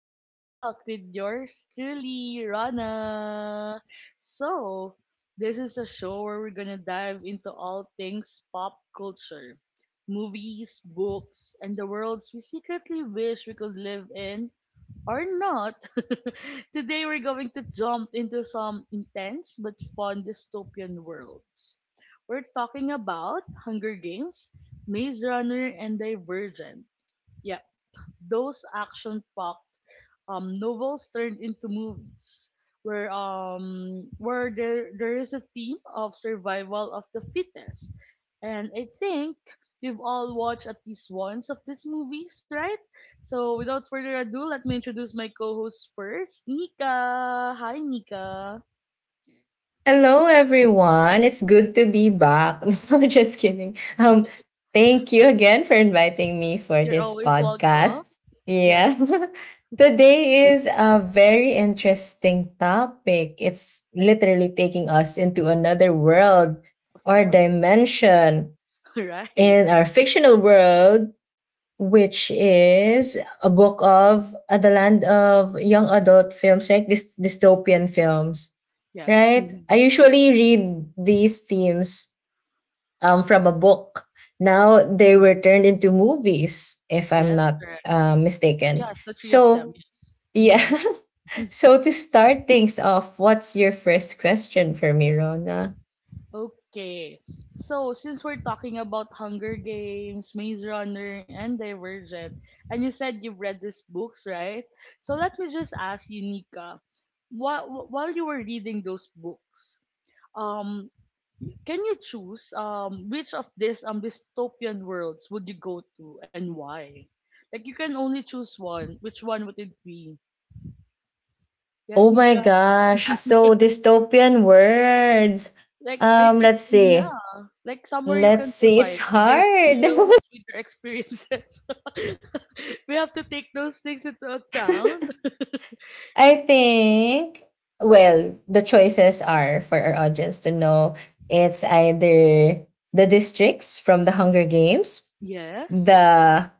Talk the Talk with yours truly, Rana. So, this is a show where we're gonna dive into all things pop culture, movies, books, and the worlds we secretly wish we could live in or not. Today, we're going to jump into some intense but fun dystopian worlds. We're talking about Hunger Games, Maze Runner, and Divergent. Yeah, those action-packed novels turned into movies where there is a theme of survival of the fittest. And I think we've all watched at least once of these movies, right? So without further ado, let me introduce my co-host first, Nika. Hi Nika. Hello, everyone. It's good to be back. No, just kidding. Thank you again for inviting me for You're this always welcome. podcast. Yes, Yeah. Today is a very interesting topic. It's literally taking us into another world of or course. dimension Right. in our fictional world, which is a book of the land of young adult films, right? Dystopian films, Yes. right? Mhm. I usually read these themes from a book. Now they Mhm. were turned into movies, if I'm Yes, not correct. Mistaken. Yes, the three of them. So, Yes. yeah. Mm. So, to start things off, what's your first question for me, Rona? Okay. So since we're talking about Hunger Games, Maze Runner, and Divergent, and you said you've read these books, right? So let me just ask you, Nika, while you were reading those books, um, can you choose which of these dystopian worlds would you go to and why? Like you can only choose one. Which one would it be? Yes, Oh my Nika. gosh. So, dystopian words. Like I Um, think let's see. yeah, like somewhere you Let's can see. It's survive with your hard. skills, with your experiences. We have to take those things into account. I think, well, the choices are for our audience to know. It's either the districts from the Hunger Games, Yes. the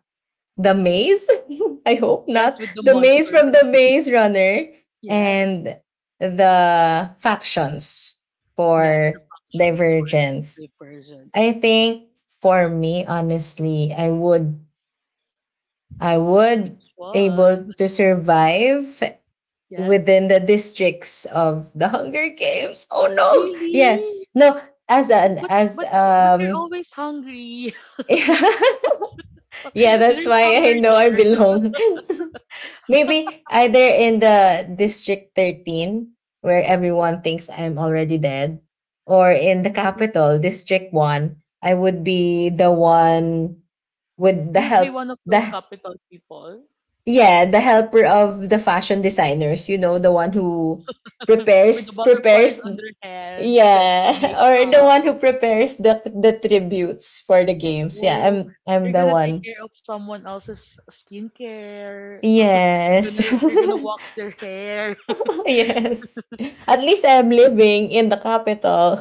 the maze, I hope Yes, not, with the the maze from the monsters. Maze Runner, and Yes. the factions Yes, the for functions for Divergence. divergent. I think, for me, honestly, I would Which able one? to survive Yes. within the districts of the Hunger Games. Oh no. Yeah. Really? No, as an But as but but you're always hungry. yeah, yeah, that's There's why hunger I know I there. belong. Maybe either in the District 13, where everyone thinks I'm already dead, or in the capital, District 1, I would be the one with the You'd be help one of those the capital people. yeah, the helper of the fashion designers, the one who With the prepares butterflies prepares on their heads, like the yeah, or the makeup. one who prepares the tributes for the games. Yeah, Oh, I'm you're the gonna take one. care of someone else's skincare. You're Yes. gonna you're gonna wax their hair. Yes. At least I'm living in the capital.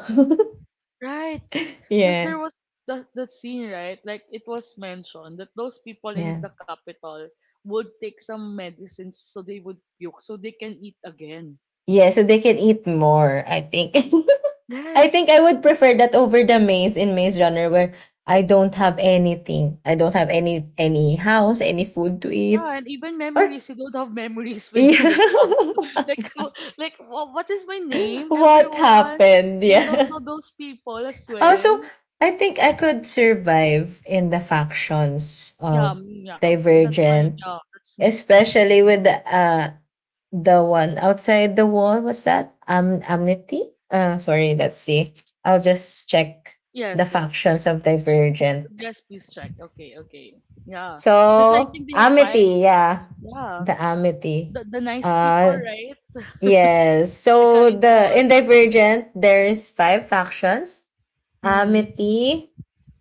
Right? Because Yeah. there was that scene, right? Like it was mentioned that those people in Yeah. the capital would take some medicines so they would puke so they can eat again. Yeah, so they can eat more, I think. I think Yes. I would prefer that over the maze in Maze Runner, where I don't have anything. I don't have any house, any food to eat. Yeah, and even Or memories, you don't have memories when you wake up. yeah. Like, how- like wha- what is my name, What everyone? happened? And you don't Yeah. know those people as Also, well. I think I could survive in the factions Yeah, of yeah, that's my, Divergent, yeah, that's me, me too. especially with Mhm. the the one outside the wall. What's that? Amnesty. Sorry. Let's see. I'll just check the Yes, yes, factions yes, of please check. Divergent. Yes, please check. Okay, okay. Yeah, because I So think they have five Amity, yeah, factions. Yeah, the Amity. The nice people, Uh, right? yes. The So kind the in ones. Divergent, there's five factions. Hmm. Amity,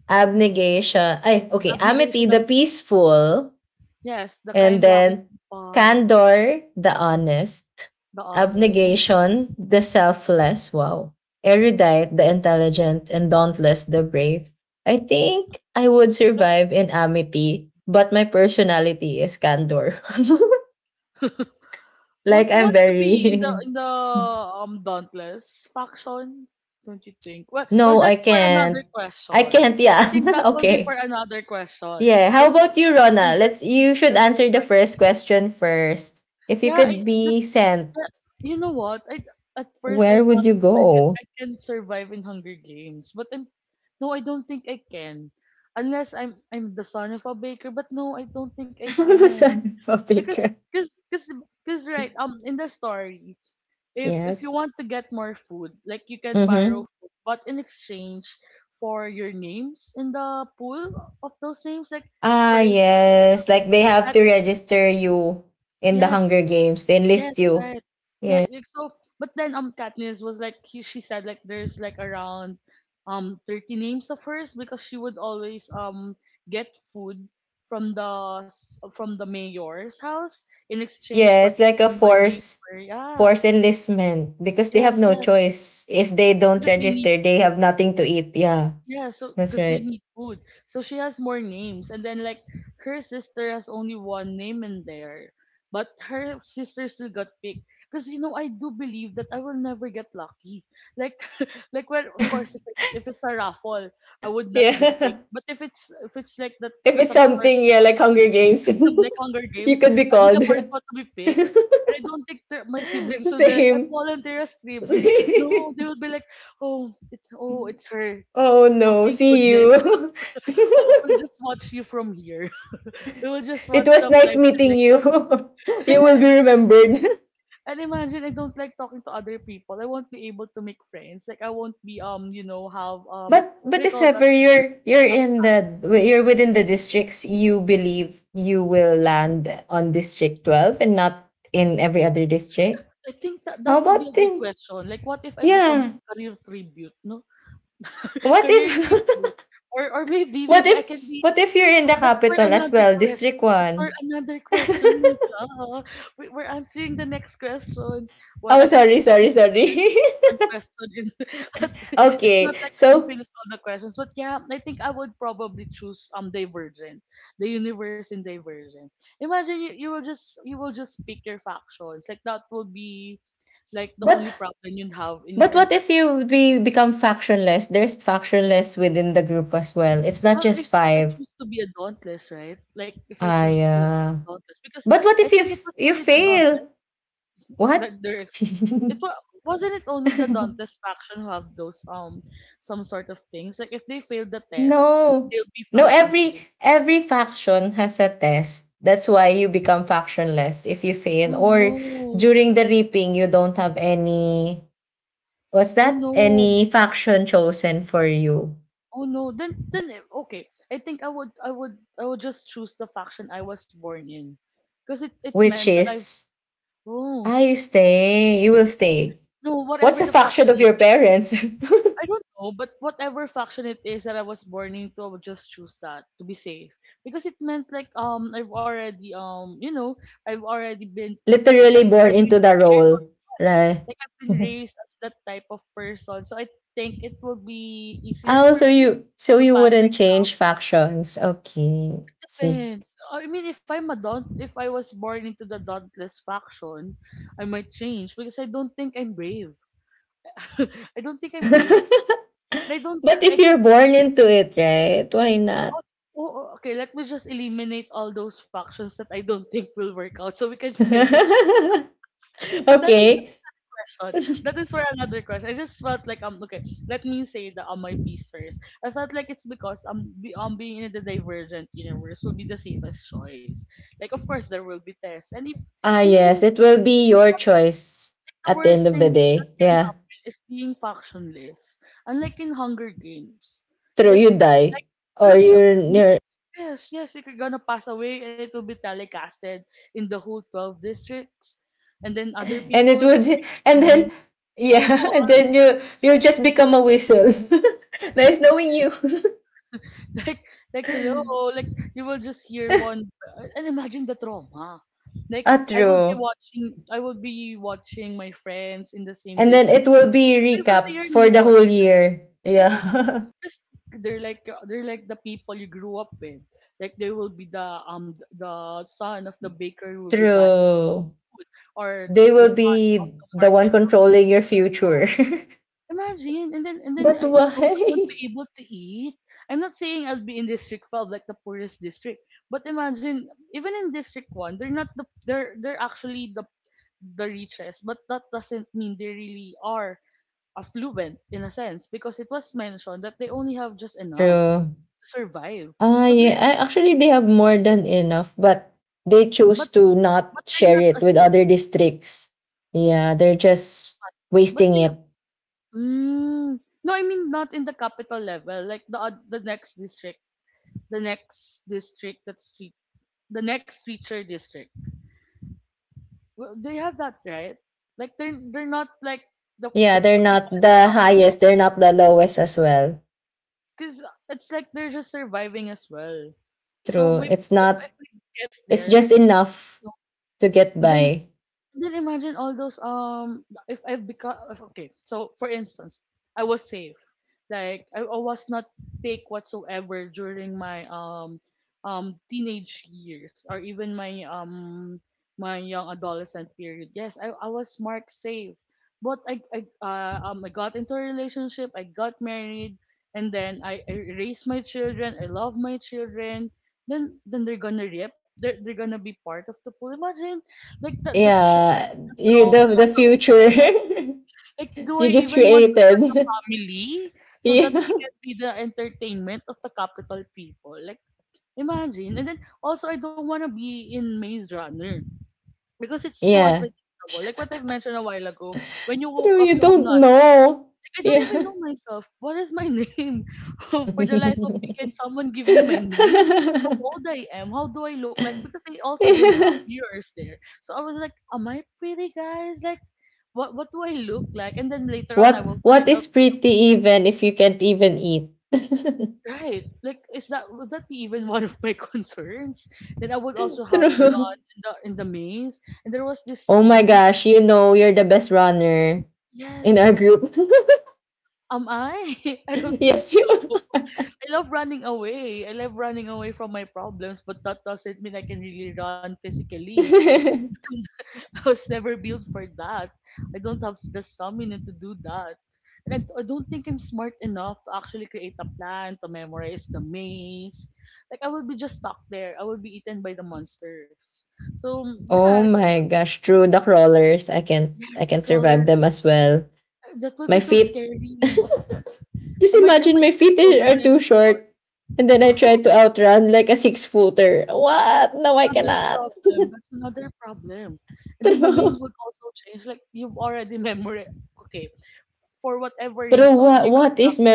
Abnegation. Ay, okay. Amity, Abnegation the of, peaceful. yes, the And kind loving then, people, Candor, the honest. the honest. Abnegation, the selfless. Wow. Erudite, the intelligent. And Dauntless, the brave. I think I would survive in Amity, but my personality is Candor. Like, Won't I'm won't you be very. in the Dauntless faction? Don't you think? Well, well, No, I that's for another can't. I question. can't, I yeah. think that will be for Okay. another question. Yeah. How But I about think you, you can Rona? sur- Let's you you can should answer the survive first there. question first. If you Yeah, I, could be that's sent, that, you know what? I at first I where would thought you I could go? I can survive in Hunger Games, but I'm no, I don't think I can. Unless I'm I'm the son of a baker, but no, I don't think I I'm a can son of a because baker. because because because right in the story, if you Yes. want to get more food, like you can borrow Mm-hmm. food, but in exchange for your names in the pool of those names, like for Ah, instance, yes. Like they that have to register you in the yes, Hunger Games. They yes, enlist you. right. Yeah. That like, so, but then Katniss was like he, she said like there's like around 30 names of hers because she would always get food from the s- from the mayor's house in exchange Yeah, for it's like a putting more names force for yeah force enlistment because they have yes no yes choice. If they don't because they need register, they food. have nothing to eat. Yeah. Yeah, so That's because they right. need food. So she has more names. And then like her sister has only one name in there. But her sister still got picked. Because you know, I do believe that I will never get lucky. Like like well of course if it's a raffle, I would not be Yeah. picked. But if it's like that If it's some sort something, yeah, like Hunger Games, of like Hunger Games, you could be I'll be the called. first one to be picked. And I don't think that my siblings will be like, I Same. volunteer as tribute. Same. No, they will be like, oh, it's her. Oh Oh, no, thank see goodness. you. Oh, we'll just watch you from here. We will just It watch the was nice live meeting you. telecast. You will be remembered. And imagine I don't like talking to other people. I won't be able to make friends. Like I won't be you know, have But what do but you if call that ever you're up. in the you're within the districts, you believe you will land on District 12 and not in every other district. I think that How that will be about a good then? question. Like what if I become a Yeah. career tribute, no? What Career if tribute. Or maybe What maybe I can if be what if you're in the Oh, That's for capital as another well, question. District That's for one? another question, Nika. Oh, We- We're answering the next questions. Well, Oh, as you sorry, we sorry, can sorry. finish one question in, it's not Okay. like we can So, finish all the questions. But yeah, I think I would probably choose Divergent, the universe in Divergent. Imagine you, you will just pick your factions. Like that would be like the but only problem you'd have in your but what entire if you be become factionless? There's factionless within the group as well. It's not Well, if just I five. choose to be a Dauntless, right? Like, if I I choose to be a Dauntless, because But what I if you think it f- was you only the fail? Dauntless What? that they're. Ex- it wa- wasn't it only the Dauntless faction who have those some sort of things. Like, if they fail the test, No. they'll be No, every factionless. every faction has a test. That's why you become factionless if you Oh fail. Or no! during the reaping, you don't have any was Oh that no! any faction chosen for you? Oh no! Then eh, okay. I think I would just choose the faction I was born in, because it meant Which that I is oh ah, you stay, you will stay. no What's whatever the the faction faction of is your because parents? I don't know, but whatever faction it is that I was born into, I would just choose that to be safe because it meant like I've already you know I've already been I've Literally born already been into the prepared. role. Yes, Right. like I've been raised as that type of person, so I think it will be easier Oh, for so me you so to you pass the wouldn't exam. change factions. Okay. See. Depends. I mean, if I'm a daunt, if I was born into the dauntless faction, I might change because I don't think I'm brave. I don't think I'm brave, and I don't But think I if you're can born into it, right? Why not? Oh, oh, oh, okay, let me just eliminate all those factions that I don't think will work out so we can find which one. But that is for Okay. a question. That is for another question. I just felt like okay, let me say the on my piece first. I felt like it's because be, being in the divergent universe will be the safest choice. Like of course there will be tests and if, Ah, and you yes. know It will I be think your one choice of the at the end worst of the things that day. can Yeah. happen is being factionless. Unlike in Hunger Games. True, Like you die. like one Or of the you're near Yes, yes, if you're gonna pass away, it will be telecasted in the whole 12 districts. And then other and people it will would bring and on you. then yeah, and then you'll just become a whistle. Nice knowing you. like, like, hello, like, you will just hear one, and imagine the trauma. Like, Ah, I will be true. watching, I will be watching my friends in the same And then district. it will be 'Cause they will be your recapped for the neighbors. whole year. Yeah, Yeah. because they're like the people you grew up with. Like, they will be the son of the baker who will be buying True. food, or They the will son of be the the one market. controlling your future. Imagine, and then But I don't I won't why? be able to eat. I'm not saying I'll be in District 5, like the poorest district, but imagine even in District 1, they're not the they're actually the richest, but that doesn't mean they really are affluent in a sense because it was mentioned that they only have just enough True. to survive. Ah, So yeah. they're Actually, they have more than enough, but they but choose to but not they're not share it as with other districts. Yeah, they're just much. But wasting you know, it. mm, no, I mean not in the capital level, like the oth- the next district that's street the next feature district. Well, they have that right like they're not like Yeah, they're the not people at the the top, highest, they're not the lowest as well. because it's like they're just surviving as well so True. maybe It's not, if we get it's there like just enough you know, to get and by. then imagine all those if I've become if, okay. So for instance, I was safe. Like I was not picked whatsoever during my teenage years or even my my young adolescent period. Yes, I was marked safe. But I got into a relationship, I got married, and then I raised my children, I love my children. Then they're gonna rip. They're gonna be part of the pool. Imagine like the stress Yeah, the you trauma. the, the future Like, do you I just even want to start a created. family so that we can be the entertainment of the capital people? Like, imagine. And then, also, I don't want to be in Maze Runner because it's Yeah. too Yeah. unpredictable. Like what I've mentioned a while ago, when you woke True, up, you you have don't know. I don't even Yeah. know myself. What is my name? For the life of me, can someone give me my name? How old I am? How do I look like? Because I also didn't have mirrors there. So I was like, am I pretty, guys? Like, what do I look like? And then later on, I what will what find out. is pretty, even if you can't even eat? Right? Like, is that would that be even one of my concerns? Then I would also have to True. run in the maze. And there was this Oh my scene. gosh, you know you're the best runner in Yes, our group. am I? I don't think Yes, you. so. I love running away. I love running away from my problems, but that doesn't mean I can really run physically. I was never built for that. I don't have the stamina to do that. And I don't think I'm smart enough to actually create a plan, to memorize the maze. Like, I will be just stuck there. I will be eaten by the monsters. So, yeah, Oh my gosh, true, the crawlers. I can't I yes, the can survive crawlers. them as well. That would My be so feet. scary. I Just might, I imagine, might my get feet frozen when are I too see short. one. And then I tried to outrun like a six footer. What? No, I Another cannot. problem. That's another problem. And then the maze True. would also change. Like you've already memorized. Okay, for whatever True. reason, you What, got what is lucky.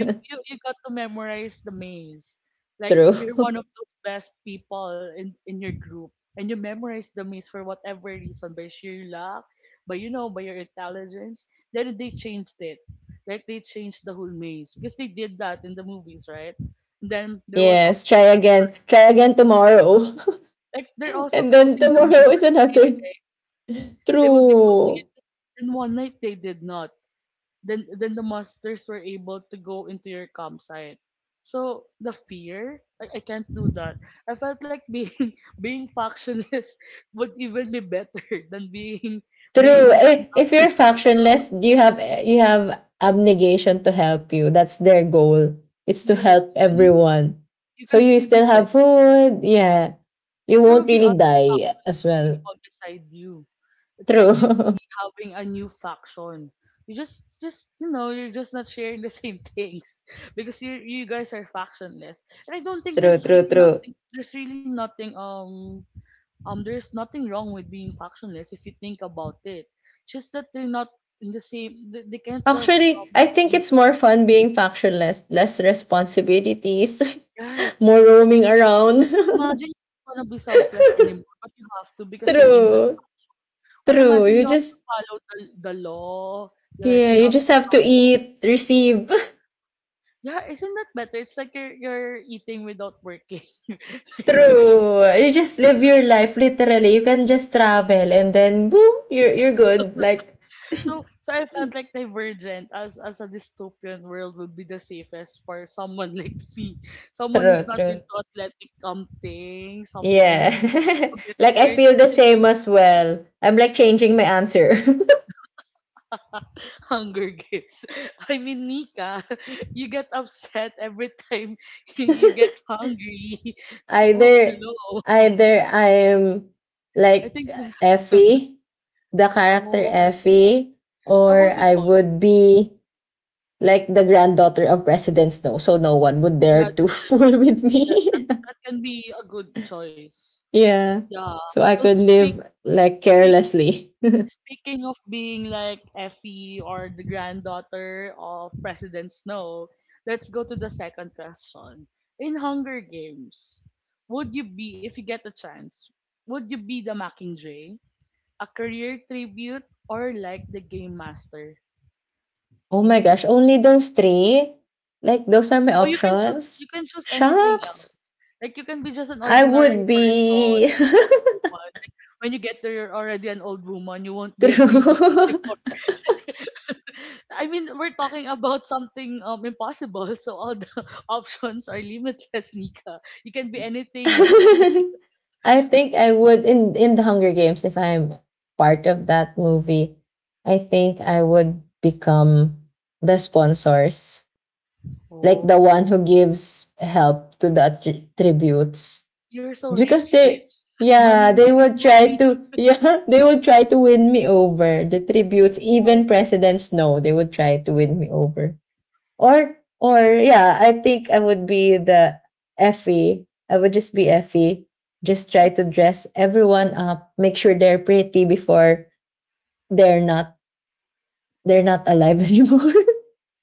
You, you you got to memorize the maze. Like True. you're one of those best people in your group, and you memorize the maze for whatever reason by sheer luck, by your intelligence. Then they changed it. Like they changed the whole maze because they did that in the movies, right? And then there was also. Yes. Try again. Try again tomorrow. Like, they're also And then closing the maze tomorrow at is night, another. eh. They will be closing True. it. Then one night they did not. Then the monsters were able to go into your campsite. So the fear, I can't do that. I felt like being being factionless would even be better than being True. being run Eh, if after you're by. factionless, you have Abnegation to help you. That's their goal. It's to help Yes, see, everyone. you So can you still be still fed. have food. Yeah. You There will won't be other really die factionless as well. people beside you. It's like True. you having a new faction. You're just not sharing the same things because you guys are factionless. And I don't think True, true, true. There's nothing wrong with being factionless if you think about it. It's just that they're not in the same, they can't just Actually, I be think in it's the. more fun being factionless, less responsibilities, Right. more roaming around. Imagine you don't wanna be selfless anymore, but you have to because you're in that, True. or True. imagine You you have to just, follow the law. You're like yeah, you you have just to. have to eat, receive. Yeah, isn't that better? It's like you're eating without working. True. You just live your life literally. You can just travel and then boom, you're good. Like, So I felt like Divergent as a dystopian world would be the safest for someone like me. Someone true, who's not true. been into athletic, something, something, Yeah. who gets Like, I scared feel the same easily. as well. I'm like changing my answer. Hunger Games. I mean, Nika, you get upset every time you get hungry. Oh, either hello. either I'm I like think. Effie, the character Oh, Effie, that or would be. I would be like the granddaughter of President Snow, so no one would dare Yeah, to that's. fool with Yes, me. that that can be a good choice. Yeah. Yeah. So I So could live like speak carelessly. speaking of being like Effie or the granddaughter of President Snow, let's go to the second question. In Hunger Games, would you be, if you get a chance, would you be the Mockingjay, a career tribute, or like the game master? Oh my gosh, only those three? Like, those are my Or you can choose, options? Anything Shucks. else. Like, you can be just an I ordinary would person, be. like an old woman. Like, when you get there, you're already an old woman. You won't be a tribute True. anymore. I mean, we're talking about something impossible, so all the options are limitless, Nika. You can be anything. I think I would in the Hunger Games if I'm part of that movie. I think I would become the sponsors, like the one Oh, who gives help to the tributes. you're so Because rich, rich. they, Money, yeah, they money, would try money. to yeah, they would try to win me over the tributes. Wow. Even presidents know, they would try to win me over. Or yeah, I think I would be the Effie. I would just be Effie. Just But try to dress everyone up, make sure they're pretty before they're not they're not alive anymore,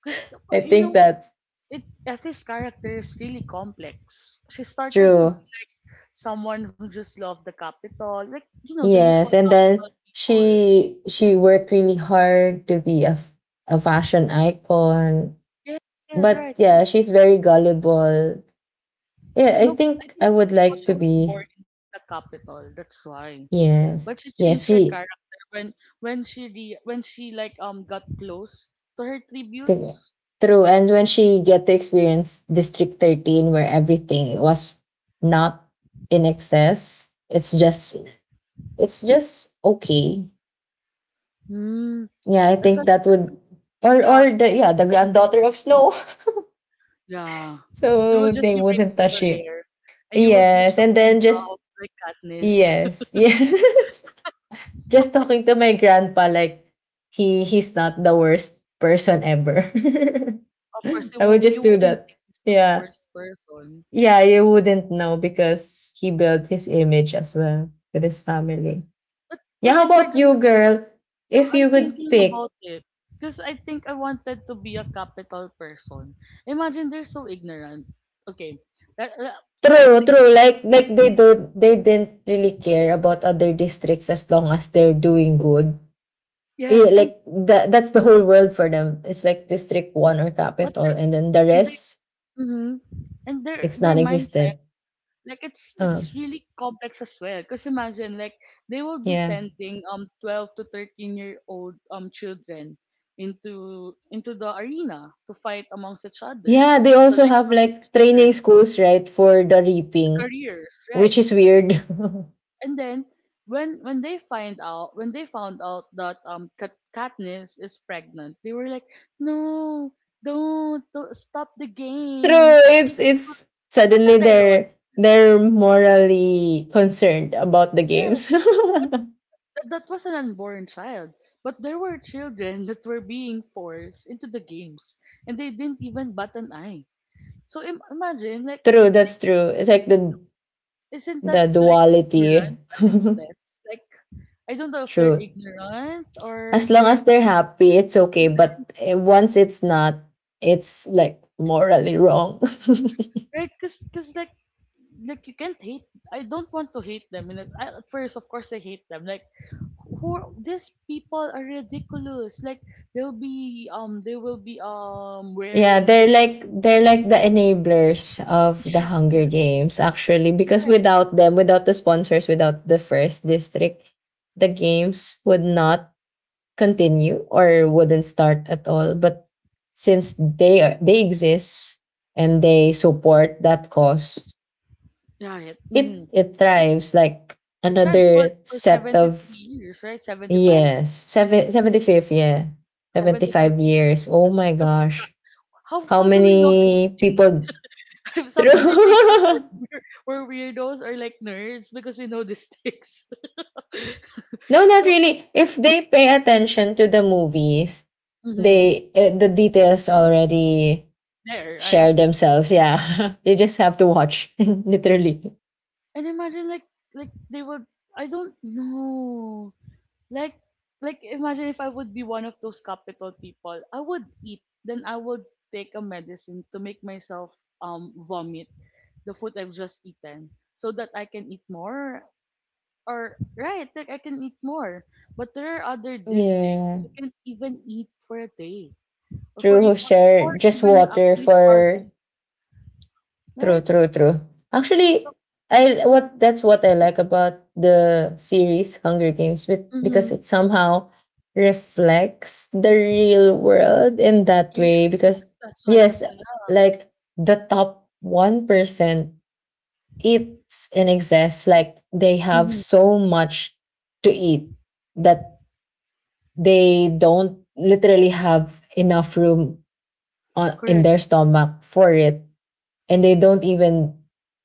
because, I you think know, that's it's Effie's character is really complex. She started to. true. Someone who just loved the capital, like the usual Yes, and capital then people. She worked really hard to be a f- a fashion icon. Yes, yes, But right. yeah, she's very gullible. Yeah, I No, I think think I it's would because like she to was be. born in the capital. That's why. But she Yes, changed her yes, she character when when when she like got close to her t- tributes. true. And when she get to experience District 13, where everything was not in excess, it's just okay. Hmm. Yeah, I I think felt, that I would, felt or Yeah, I or the think. yeah the Mhm. granddaughter of Snow. Yeah. You will So just they be wouldn't braiding touch your it. hair, and you would wish Yes, to and find then just, love like Katniss. yes, yes. Just talking to my grandpa, like he's not the worst person ever. Of course, I would just you do wouldn't that. think he's the Yeah, worst person. yeah. You wouldn't know because he built his image as well with his family. But Yeah. but How if you're about you, gonna, girl? I'm, If I'm you could thinking pick, about it, because I think I wanted to be a capital person. Imagine they're so ignorant. Okay, that, that- like true, they. true. Like they don't, they didn't really care about other districts as long as they're doing good. Yes, Yeah, and, like that's the whole world for them. It's like District 1 or but Capital, they're, and then the and they, rest, mm and their it's their mindset, non-existent. like it's Uh, it's really complex as well. Because imagine, like, they will be yeah. sending 12 to 13-year old children into the arena to fight amongst each other, Yeah, they to also like have harm each like other, training schools, right, for the the reaping, careers, right? which is weird. And then when they found out that Katniss is pregnant, they were like, "No, don't stop the True, games." it's It wa- it's Isn't suddenly that ironic? they're morally concerned about the games. Yes, but that was an unborn child. But there were children that were being forced into the games, and they didn't even bat an eye. So, imagine, like, True, the- that's true. It's like the isn't that the like duality. ignorance at its best? Like, I don't know if they're True. ignorant or As long as they're. they're happy, it's okay. But once it's not, it's like morally wrong. Right? Cause, like you can't hate. I don't want to hate them. And I, at first, of course, I hate them. Like, these people are ridiculous. Like, they will be Yeah, wearing they're this. like they're Mm, like the enablers of the yes, Hunger yes, Games, actually, because right, without them, without the sponsors, without the first district, the games would not continue or wouldn't start at all. But since they are, they exist and they support that cause, right. it Mm. it thrives like The tribes worked another for set seventy three of. years, right? 75, Yes, 75th. Yeah. seventy five 75 75 years. years. Oh Cause, my 'cause gosh. how How how do we know these many things? people through? Sometimes I think we're No, we're, we're we're weirdos or like nerds, because we know these things. not So. really. If they pay attention to the movies, Hmm. The details already There, right? share themselves. Yeah. You just have to watch literally. And imagine, like, they would. I don't know. Like. Imagine if I would be one of those capital people. I would eat, then I would take a medicine to make myself vomit the food I've just eaten, so that I can eat more, or, right, like, I can eat more. But there are other Yeah. districts who can't even eat for a day, or for True, e- who or, share or just even water actually for. starving. True, Right? true, true. Actually, So. I what that's what I like about the series Hunger Games because Mhm. it somehow reflects the real world in that Yes, way because yes, that's why, yes, that's why. Yeah. like the top 1% eats and exists like they have Mm-hmm. so much to eat that they don't literally have enough room in Correct. their stomach for it, and they don't even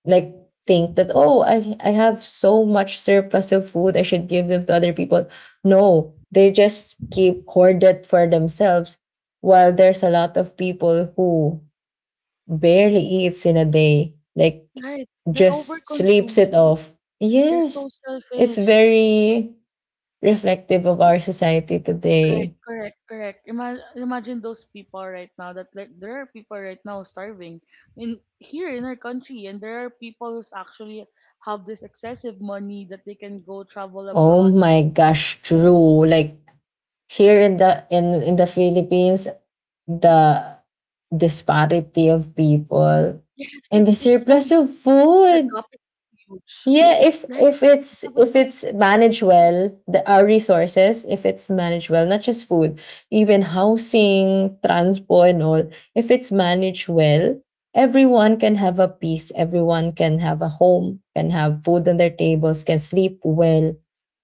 like think that, oh, I have so much surplus of food, I should give them to other people. No, they just keep hoard it for themselves while there's a lot of people who barely eats in a day, like Right. They're just sleeps it over-consuming. off. They're Yes, so it's selfish. very reflective of our society Right, today. correct, correct. Imagine those people right now, that, like, there are people right now starving in here in our country, and there are people who's actually have this excessive money that they can go travel Oh abroad my and gosh, eat things. true. Like here in the Philippines, the disparity of people Yeah, it's like and the it's so. surplus of The gap is food. huge. Yeah, Like, if the if gap is so. it's if it's managed well, the our resources, if it's managed well, not just food, even housing, transport and all, if it's managed well, everyone can have a peace, everyone can have a home, can have food on their tables, can sleep well,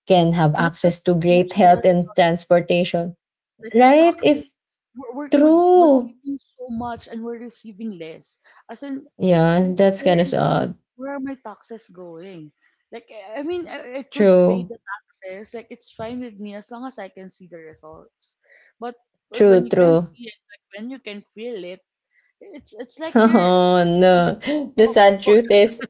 can have not just access to not great just the health and resources. transportation. Like, the Right? taxes, If we're True. giving so much and we're receiving less, as in, Yeah, that's where kind of is my where are my taxes going, like, I i mean, I could pay true, the taxes, like it's fine with me, as long as I can see the results, but when true, you can true. see it, like when you can feel it, it's like Oh no, you're- the oh, sad truth okay. is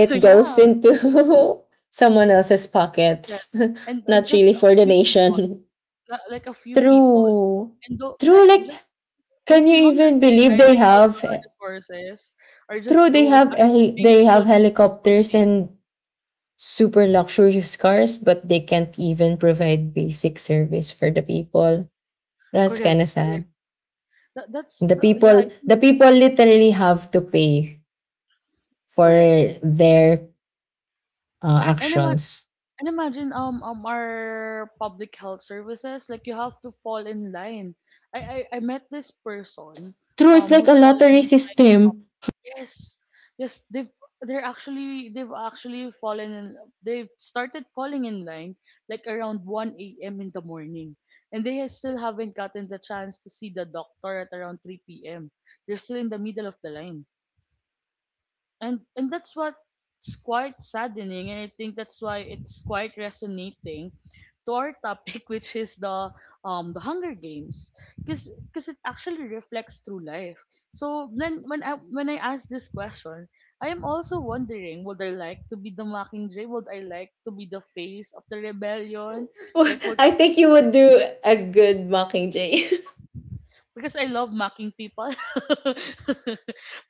Yeah, goes into someone else's pockets, yes, and, and not just really a for the few people, nation. Like a few people, True, and though, true. like, Like, just. Like can you in Hunger even Games, believe right? they Like, all the have? our resources True, are just being they have pulled in just one helicopters place. and super luxurious cars, but they can't even provide basic service for the people. That's Correct, kind of correct. sad. That's the the. Yeah, people I think. the people literally have to pay for Correct. their And ima- actions. and imagine our public health services, like, you have to fall in line. I met this person True, it's like a who's falling lottery in system. yes, yes, they've they're actually they've actually fallen in they've started falling in line like around 1 a.m. in the morning, and they still haven't gotten the chance to see the doctor at around 3 p.m. They're still in the middle of the line, and that's what's quite saddening, and I think that's why it's quite resonating to our topic, which is the Hunger Games, because it actually reflects through life. So then, when I ask this question, I am also wondering, would I like to be the Mockingjay? Would I like to be the face of the rebellion? Like, would. I think you would do a good Mockingjay. Because I love mocking people.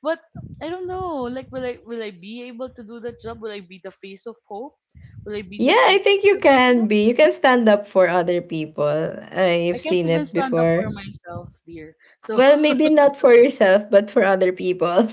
But I don't know. Like, will I be able to do that job? Will I be the face of hope? Will I be the Yeah, I face think of you Madonna? can be. You can stand up for other people. I I've can't seen even it stand up for before. myself, dear. So, Well, maybe not for yourself, but for other people.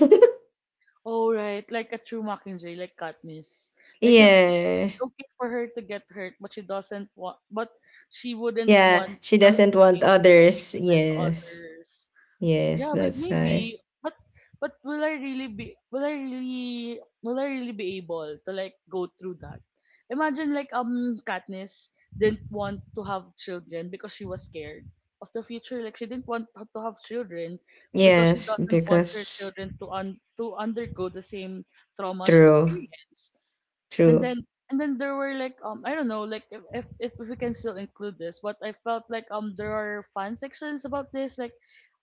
all right, like a true Mockingjay, like Katniss. Like, if it's Yeah. it's okay for her to get hurt, but she doesn't want, but she wouldn't Yeah, want she the, doesn't the want pain to be others. given to Yes. others. Yes, Yeah, that's why. maybe. but will I really be able to, like, go through that? Imagine, like, Katniss didn't want to have children because she was scared of the future. Like, she didn't want to have children because she Yes, doesn't want her because children to undergo the same trauma she true. experienced. And True. then and then there were like I don't know, like if we can still include this, but I felt like there are fan sections about this, like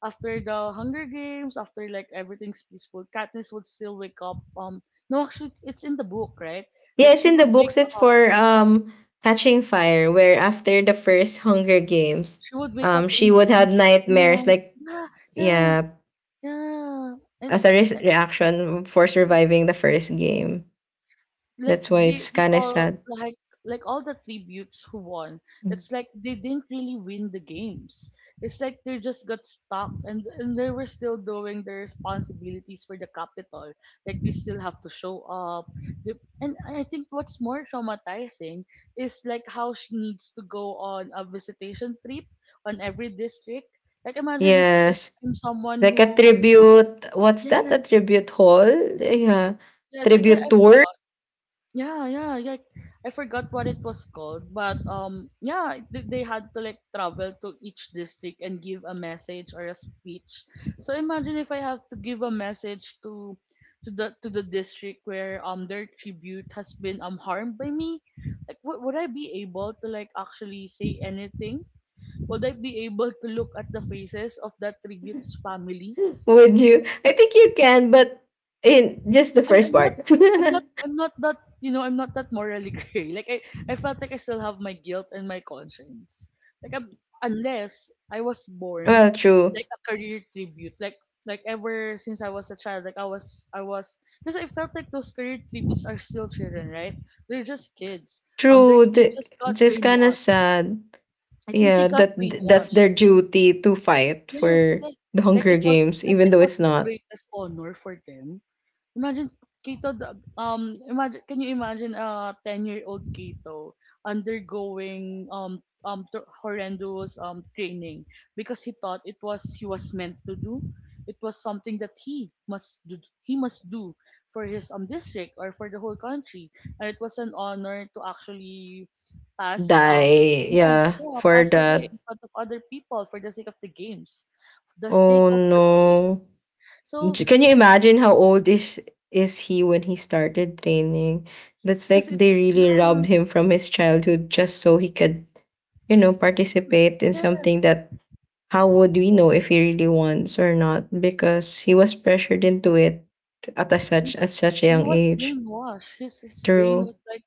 after the Hunger Games, after like everything's peaceful, Katniss would still wake up. No, actually, it's in the book, right? Yeah, Like it's she in the would wake books. It's up. for Catching Fire, where after the first Hunger Games, She would wake up she in would the middle have of the nightmares. night. Like Yeah, yeah, yeah, yeah. And as a reaction for surviving the first game. like That's why they it's they kind of all sad. Like all the tributes who won, Mm. it's like they didn't really win the games, it's like they just got stuck, and they were still doing their responsibilities for the capital like they still have to show up, they, and I think what's more traumatizing is like how she needs to go on a visitation trip on every district. Like imagine if Yes, I'm someone like a who, tribute. What's that? A yes, tribute hall? Yeah, yes, tribute I tour. forgot. Yeah, yeah, yeah. I forgot what it was called, but yeah, they had to like travel to each district and give a message or a speech. So imagine if I have to give a message to the district where their tribute has been harmed by me. Like, would I be able to like actually say anything? Would I be able to look at the faces of that tribute's family? Would you? I think you can, but in just the I'm, first I'm not part. I'm not I'm not that, you know, I'm not that morally gray. Like I felt like I still have my guilt and my conscience. Like I'm, unless I was born Well, true, like a career tribute. Like ever since I was a child. Like I was because I felt like those career tributes are still children, right? They're just kids. Um, they true. they The, just got just kind of brainwashed. sad. I think they Yeah, got that's brainwashed. their duty to fight Yes, for yes. the Hunger Games, Like even it though was it's the not greatest honor for them. Imagine can you imagine a 10-year-old Kato undergoing horrendous training because he thought it was he was meant to do. It was something that he must do he must do for his district or for the whole country. And it was an honor to actually pass die. yes, Yeah, yeah, for passed away in that. front of other people for the sake of the games, for the sake Oh of the no! games. So Can you I, imagine how old is he when he started training? That's like because it, they really yeah, robbed him from his childhood just so he could participate in something yes, that, how would we know if he really wants or not? Because he was pressured into it n- at such a he young was age. brainwashed. His brain True. was like,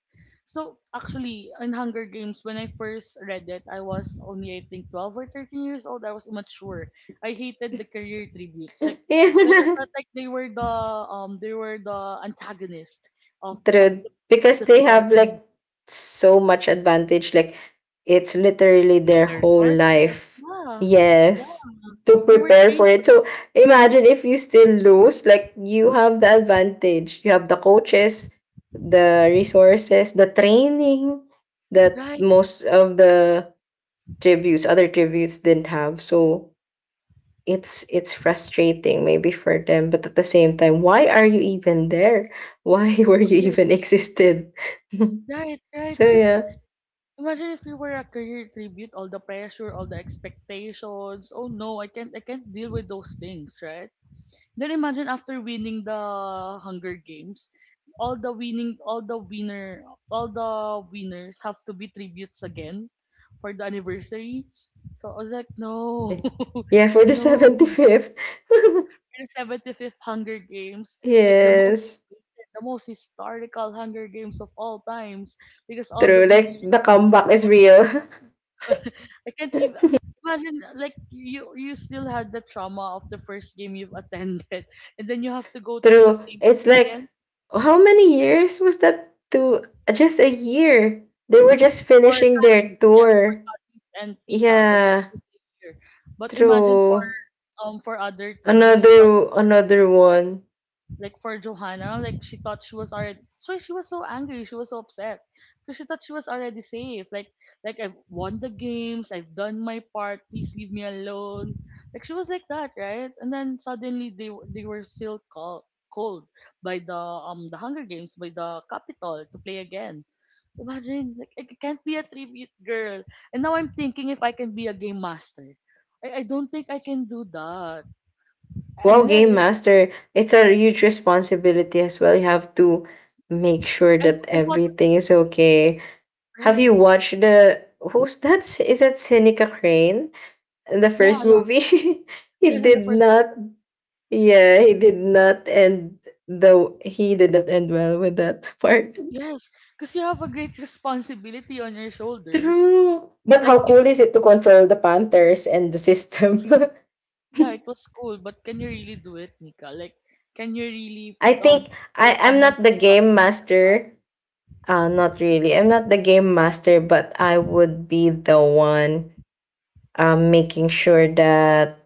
so actually in Hunger Games when I first read it, I was only, I think, 12 or 13 years old. I was immature. I hated the career tributes. Like I Yeah. felt like they were the antagonist of of True, the of because the they have story. like so much advantage. Like it's literally Of their their whole resources. life. Yeah, yeah. Yes, to They were prepare for trained for it. it. So imagine if you still lose, like you have the advantage. You have the coaches, the resources, the training that Right, most of the other tributes didn't have. So it's frustrating maybe for them, but at the same time, why are you even there? Why were you correct. even existed? Right, right. So Because yeah, imagine if you were a career tribute, all the pressure, all the expectations. Oh no, I can't deal with those things, right? Then imagine after winning the Hunger Games, all the winning, all the winner, all the winners have to be tributes again for the anniversary. So I was like, no, yeah, yeah, for the no. 75th. And 75th Hunger Games, like Yes, the most historical Hunger Games of all times, because all the true, like winners. the comeback is real. I can't even imagine. Like you still had the trauma of the first game you've attended, and then you have to go through the True, same it's pain like again how many years was that? To just a year, they were just for finishing their cuttings. Yes, for tour. cuttings and Pita that was Yeah, just here. But imagine true. For other tributes who thought, Another one. like for Johanna, like she thought she was already. That's why she was so angry. She was so upset because she thought she was already safe. Like I've won the games. I've done my part. Please leave me alone. Like she was like that, right? And then suddenly they were still called cold by the Hunger Games by the Capitol to play again. Imagine, like I can't be a tribute girl, and now I'm thinking if I can be a game master. I don't think I can do that Wow, game unless master. It's a huge responsibility as well. You have to make sure and, that and what if- everything is okay. Have right. you watched the who's that? Is that Seneca Crane? The Yeah, first yeah. movie? he Yes, in the did first book. not yeah, he did not end well with that part. Yes, because you have a great responsibility on your shoulders. True. But Like how if cool is it to control the Panthers and the system? yeah, it was cool, but can you really do it, Nika? Like can you really I think I, put I'm someone not the through game something? master. Not really. I'm not the game master, but I would be the one making sure that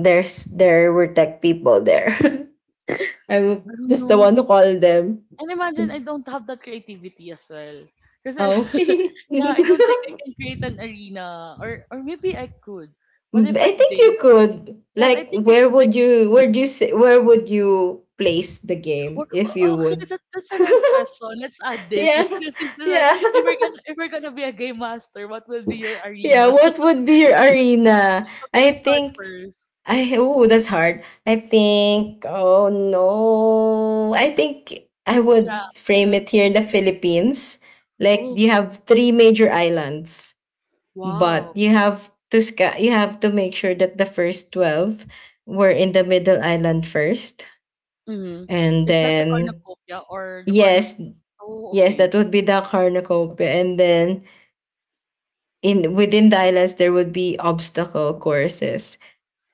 there were tech people there. I I'm don't just the one to know. call them. And imagine I don't have that creativity as well. Because I, Oh. yeah, I don't think I can create an arena, or maybe I could. But if I I think did, you could. yes, I Like, think I where could. would you? Where do you? Say, where would you place the game Or if you oh, actually, would? That's a nice question. Let's add this. Yeah, Like this is the yeah, if we're gonna be a game master, what will be your yeah. arena? What would be your arena? Okay, you I start think first. I oh, that's hard. I think, oh no. I think I would Yeah. frame it here in the Philippines. Like Oh you have three major islands, but wow. You have to make sure that the first 12 were in the middle island first. Mm-hmm. And Is that the then cornucopia or the yes, cornucopia? Oh yes, okay. that would be the cornucopia. And then in within the islands there would be obstacle courses.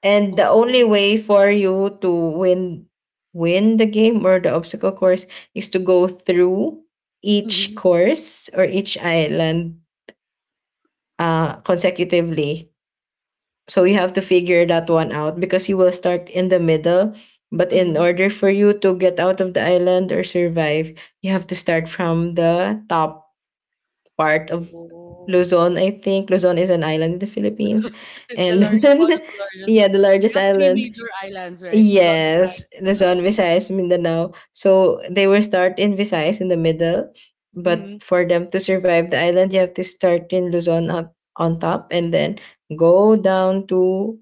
And the Oh. only way for you to win the game or the obstacle course is to go through each Mm-hmm. course or each island consecutively. So you have to figure that one out because you will start in the middle. But in Mm-hmm. order for you to get out of the island or survive, you have to start from the top part of Oh. Luzon, I think. Luzon is an island in the Philippines. The And large one of the largest. yeah, the We largest have three island. major islands, right? Luzon, Yes, Visayas, the Mindanao. zone Okay. Visayas Mindanao. So they will start in Visayas in the middle, but Mm-hmm. for them to survive the island, you have to start in Luzon on top, and then go down to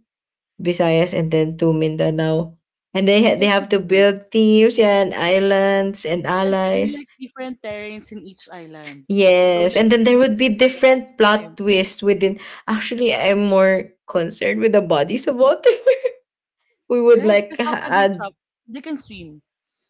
Visayas and then to Mindanao. And Oh, they that have would to be nice. build teams, yeah, and islands and And they're allies. like different terrains in each island. So Yes, like and it then will there be would be different each different time. plot twists within. Actually, I'm more concerned with the bodies of water. We would Right? like Because how ha- can they add. chop? They can swim.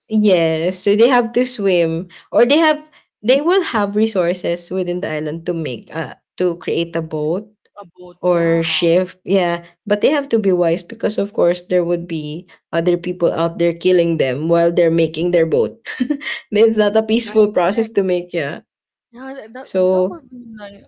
Yes, so they have to swim, or they will have resources within the island to make to create a boat A boat. Yeah. or ship. Yeah, but they have to be wise because of course there would be other people out there killing them while they're making their boat. It's not a Right. peaceful process Correct. to make, yeah. Yeah, that that well, that would So be nice.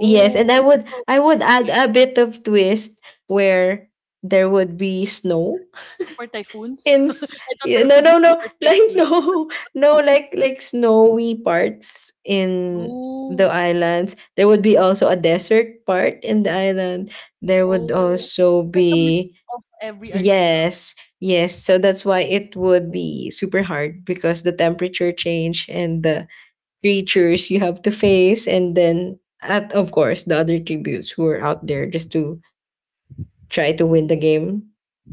yes, and I I would thought I would add okay. a bit of twist where there would be snow. Super typhoons. I Ins thought Yeah, there no, would be no, no, super like typhoons. no, no, like snowy parts in the Oh, islands. There would be also a desert part in the island. There would oh. also It's like a be mix of every arena. yes, yes. So that's why it would be super hard because the temperature change and the creatures you have to face, and then at of course the other tributes who are out there just to try to win the Oh, game.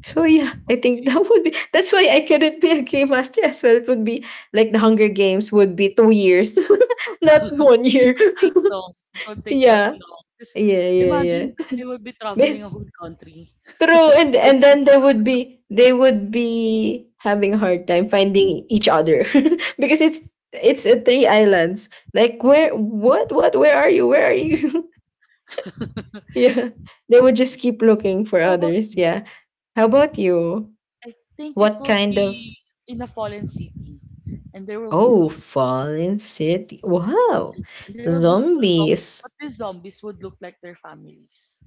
So yeah, I think okay. That's why I couldn't be a game master as well. It would be like the Hunger Games would be 2 years, not one It year. will take long. It will take that Yeah. long. Because Yeah, yeah, yeah. imagine they will be traveling a But- whole country. True. And My and foot. then they would be having a hard time finding each other. Because it's three islands. Like where what where are you? Where are you? Yeah. They would Okay. just keep looking for How about others. me? Yeah. How about you? I think it What will kind of be in a fallen city, and there will be Oh, zombies. Fallen City. Wow. Yes, and there will be zombies, but Zombies. these zombies would look like their families.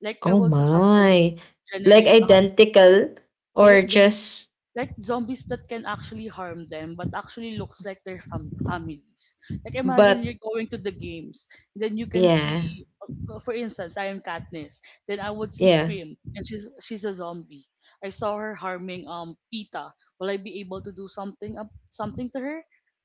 Like I Oh would have them my. Like generate identical there, or yes. just, Like zombies that can actually harm them, but actually looks like their families. Like imagine but you're going to the games, then you can yeah. see, for instance, I am Katniss. Then I would see Yeah. Pym, and she's a zombie. I saw her harming Pita. Will I be able to do something up something to her?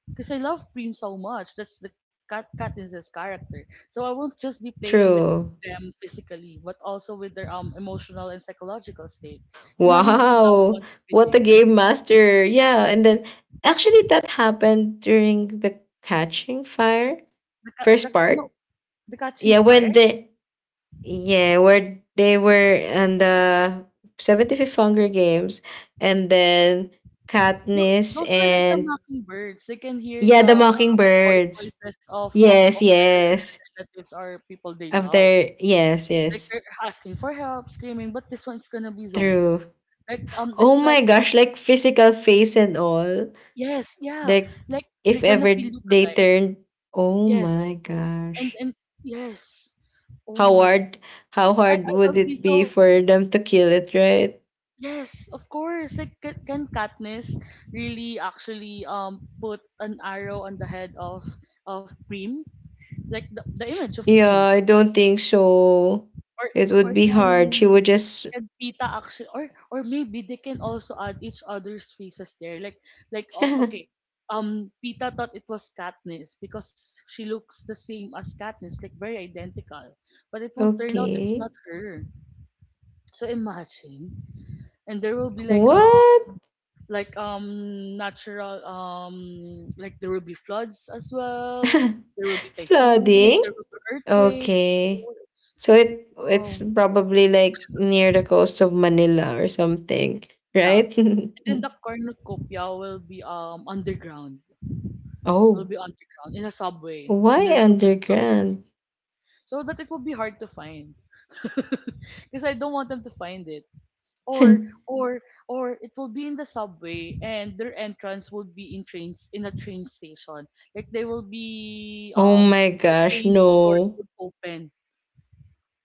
Because I love Preem so much. That's the Katniss's character. So I won't just be playing with True. them physically, but also with their emotional and psychological state. So imagine your loved Wow. ones would be What a there. game master. Yeah, and then actually that happened during the Catching Fire The first ca- no part. the catching Yeah, when fire. the Yeah, where they were in the 75th Hunger Games, and then Katniss Those were like the and mockingbirds. They can hear yeah, the the Mockingbirds. voices Yes, of their yes. relatives or people they Of love. their yes, Like yes. they're asking for help, screaming, but this one's gonna be True. zombies. Like Oh it's my like gosh, like physical face and all. yes, yeah, Like like they're if gonna ever be they lookalike. turned, oh Yes. my gosh. And yes. Oh How my. hard how hard I would would be it be so for them to kill it, right? yes, of course. Like can Katniss really actually put an arrow on the head of Prim? Like the image of Yeah, Prim. I don't think so. Or It would or be hard. She would just. can Pita actually, or maybe they can also add each other's faces there. Like oh, okay. Pita thought it was Katniss because she looks the same as Katniss, like very identical. But it will turn out it's Okay. not her. So imagine, and there will be like What? Natural like there will be floods as well. There will be typhoons. Flooding? There will be earthquakes. Of Okay. course. So it's Oh probably like near the coast of Manila or something, yeah, right? and then the cornucopia will be underground. Will Oh, be underground in a subway, in why a ruined subway, underground? so that it will be hard to find. Because I don't want them to find it. or or or it will be in the subway, and their entrance will be in trains in a train station. Like they will be Oh my the gosh, train doors no. would open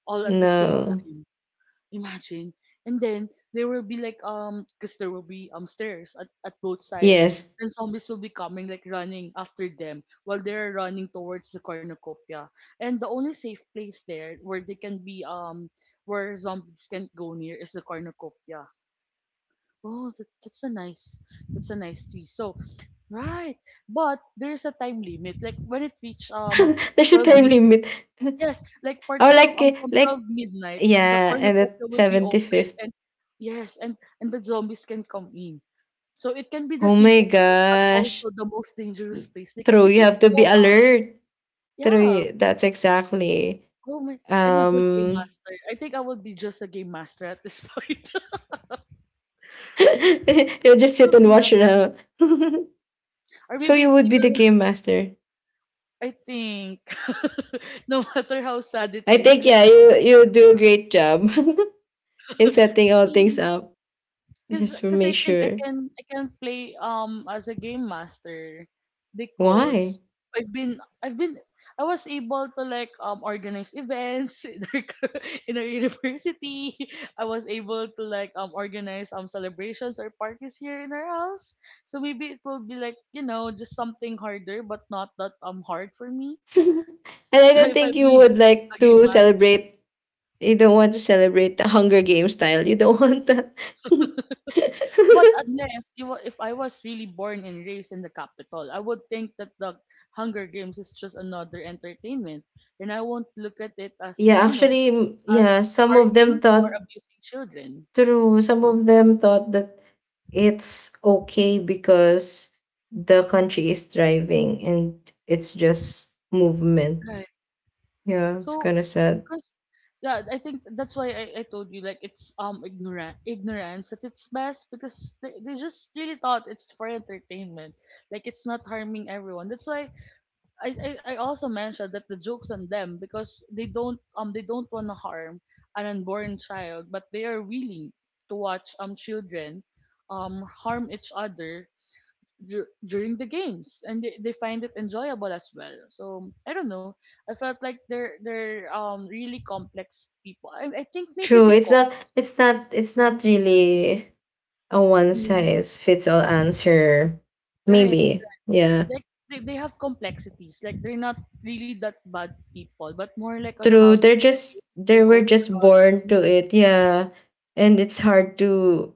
all at the same No. time, imagine, and then there will be like because there will be stairs at both sides, Yes. and zombies will be coming like running after them while they're running towards the cornucopia, and the only safe place there where they can be where zombies can't go near is the cornucopia. Oh, that, that's a nice twist. So, right, but there's a time limit. Like when it reached There's a 12 time midnight. limit. Oh, Yes, like for 12 like from 12 midnight, the yeah, and at cornucopia will be open, 75th. and yes, and the zombies can come in. So it can be the Oh my safest place, but gosh. also the most dangerous place because True, you you can have to be go out. alert. Yeah. True, that's exactly. Oh my, I'm a good game Um master. I think I will be just a game master at this point. That you'll just sit would and be watch nice. it out. Or So maybe you it's would be the because game master. I think no matter how sad it I is, think, like yeah, I would you do a great job in setting all things see, up. cause Just for cause I make think sure. I can play as a game master Why? because I've been I was able to like organize events in in our university. I was able to like organize celebrations or parties here in our house. So maybe it will be like just something harder, but not that hard for me And I don't if I think you be would a like game to master. celebrate. You don't want to celebrate the Hunger Games style. You don't want that. But unless if I was really born and raised in the capital, I would think that the Hunger Games is just another entertainment, and I won't look at it as Yeah, actually, yeah, as some of them harming or thought abusing children. true. Some of them thought that it's okay because the country is thriving and it's just movement. Right. Yeah, it's So, kind of sad. because yeah, I think that's why I told you like it's ignorant ignorance at its best because they just really thought it's for entertainment, like it's not harming everyone. That's why I also mentioned that the joke's on them because they don't want to harm an unborn child, but they are willing to watch children harm each other during the games, and they find it enjoyable as well. So I don't know. I felt like they're really complex people. I think maybe True. It's not. because It's not. It's not really a one Mhm. size fits all answer. Right, Maybe. Yeah. like they have complexities. Like they're not really that bad people, but more like on True. how They're they were just. raised, They their were just cultural born to it. Yeah. And it's hard to.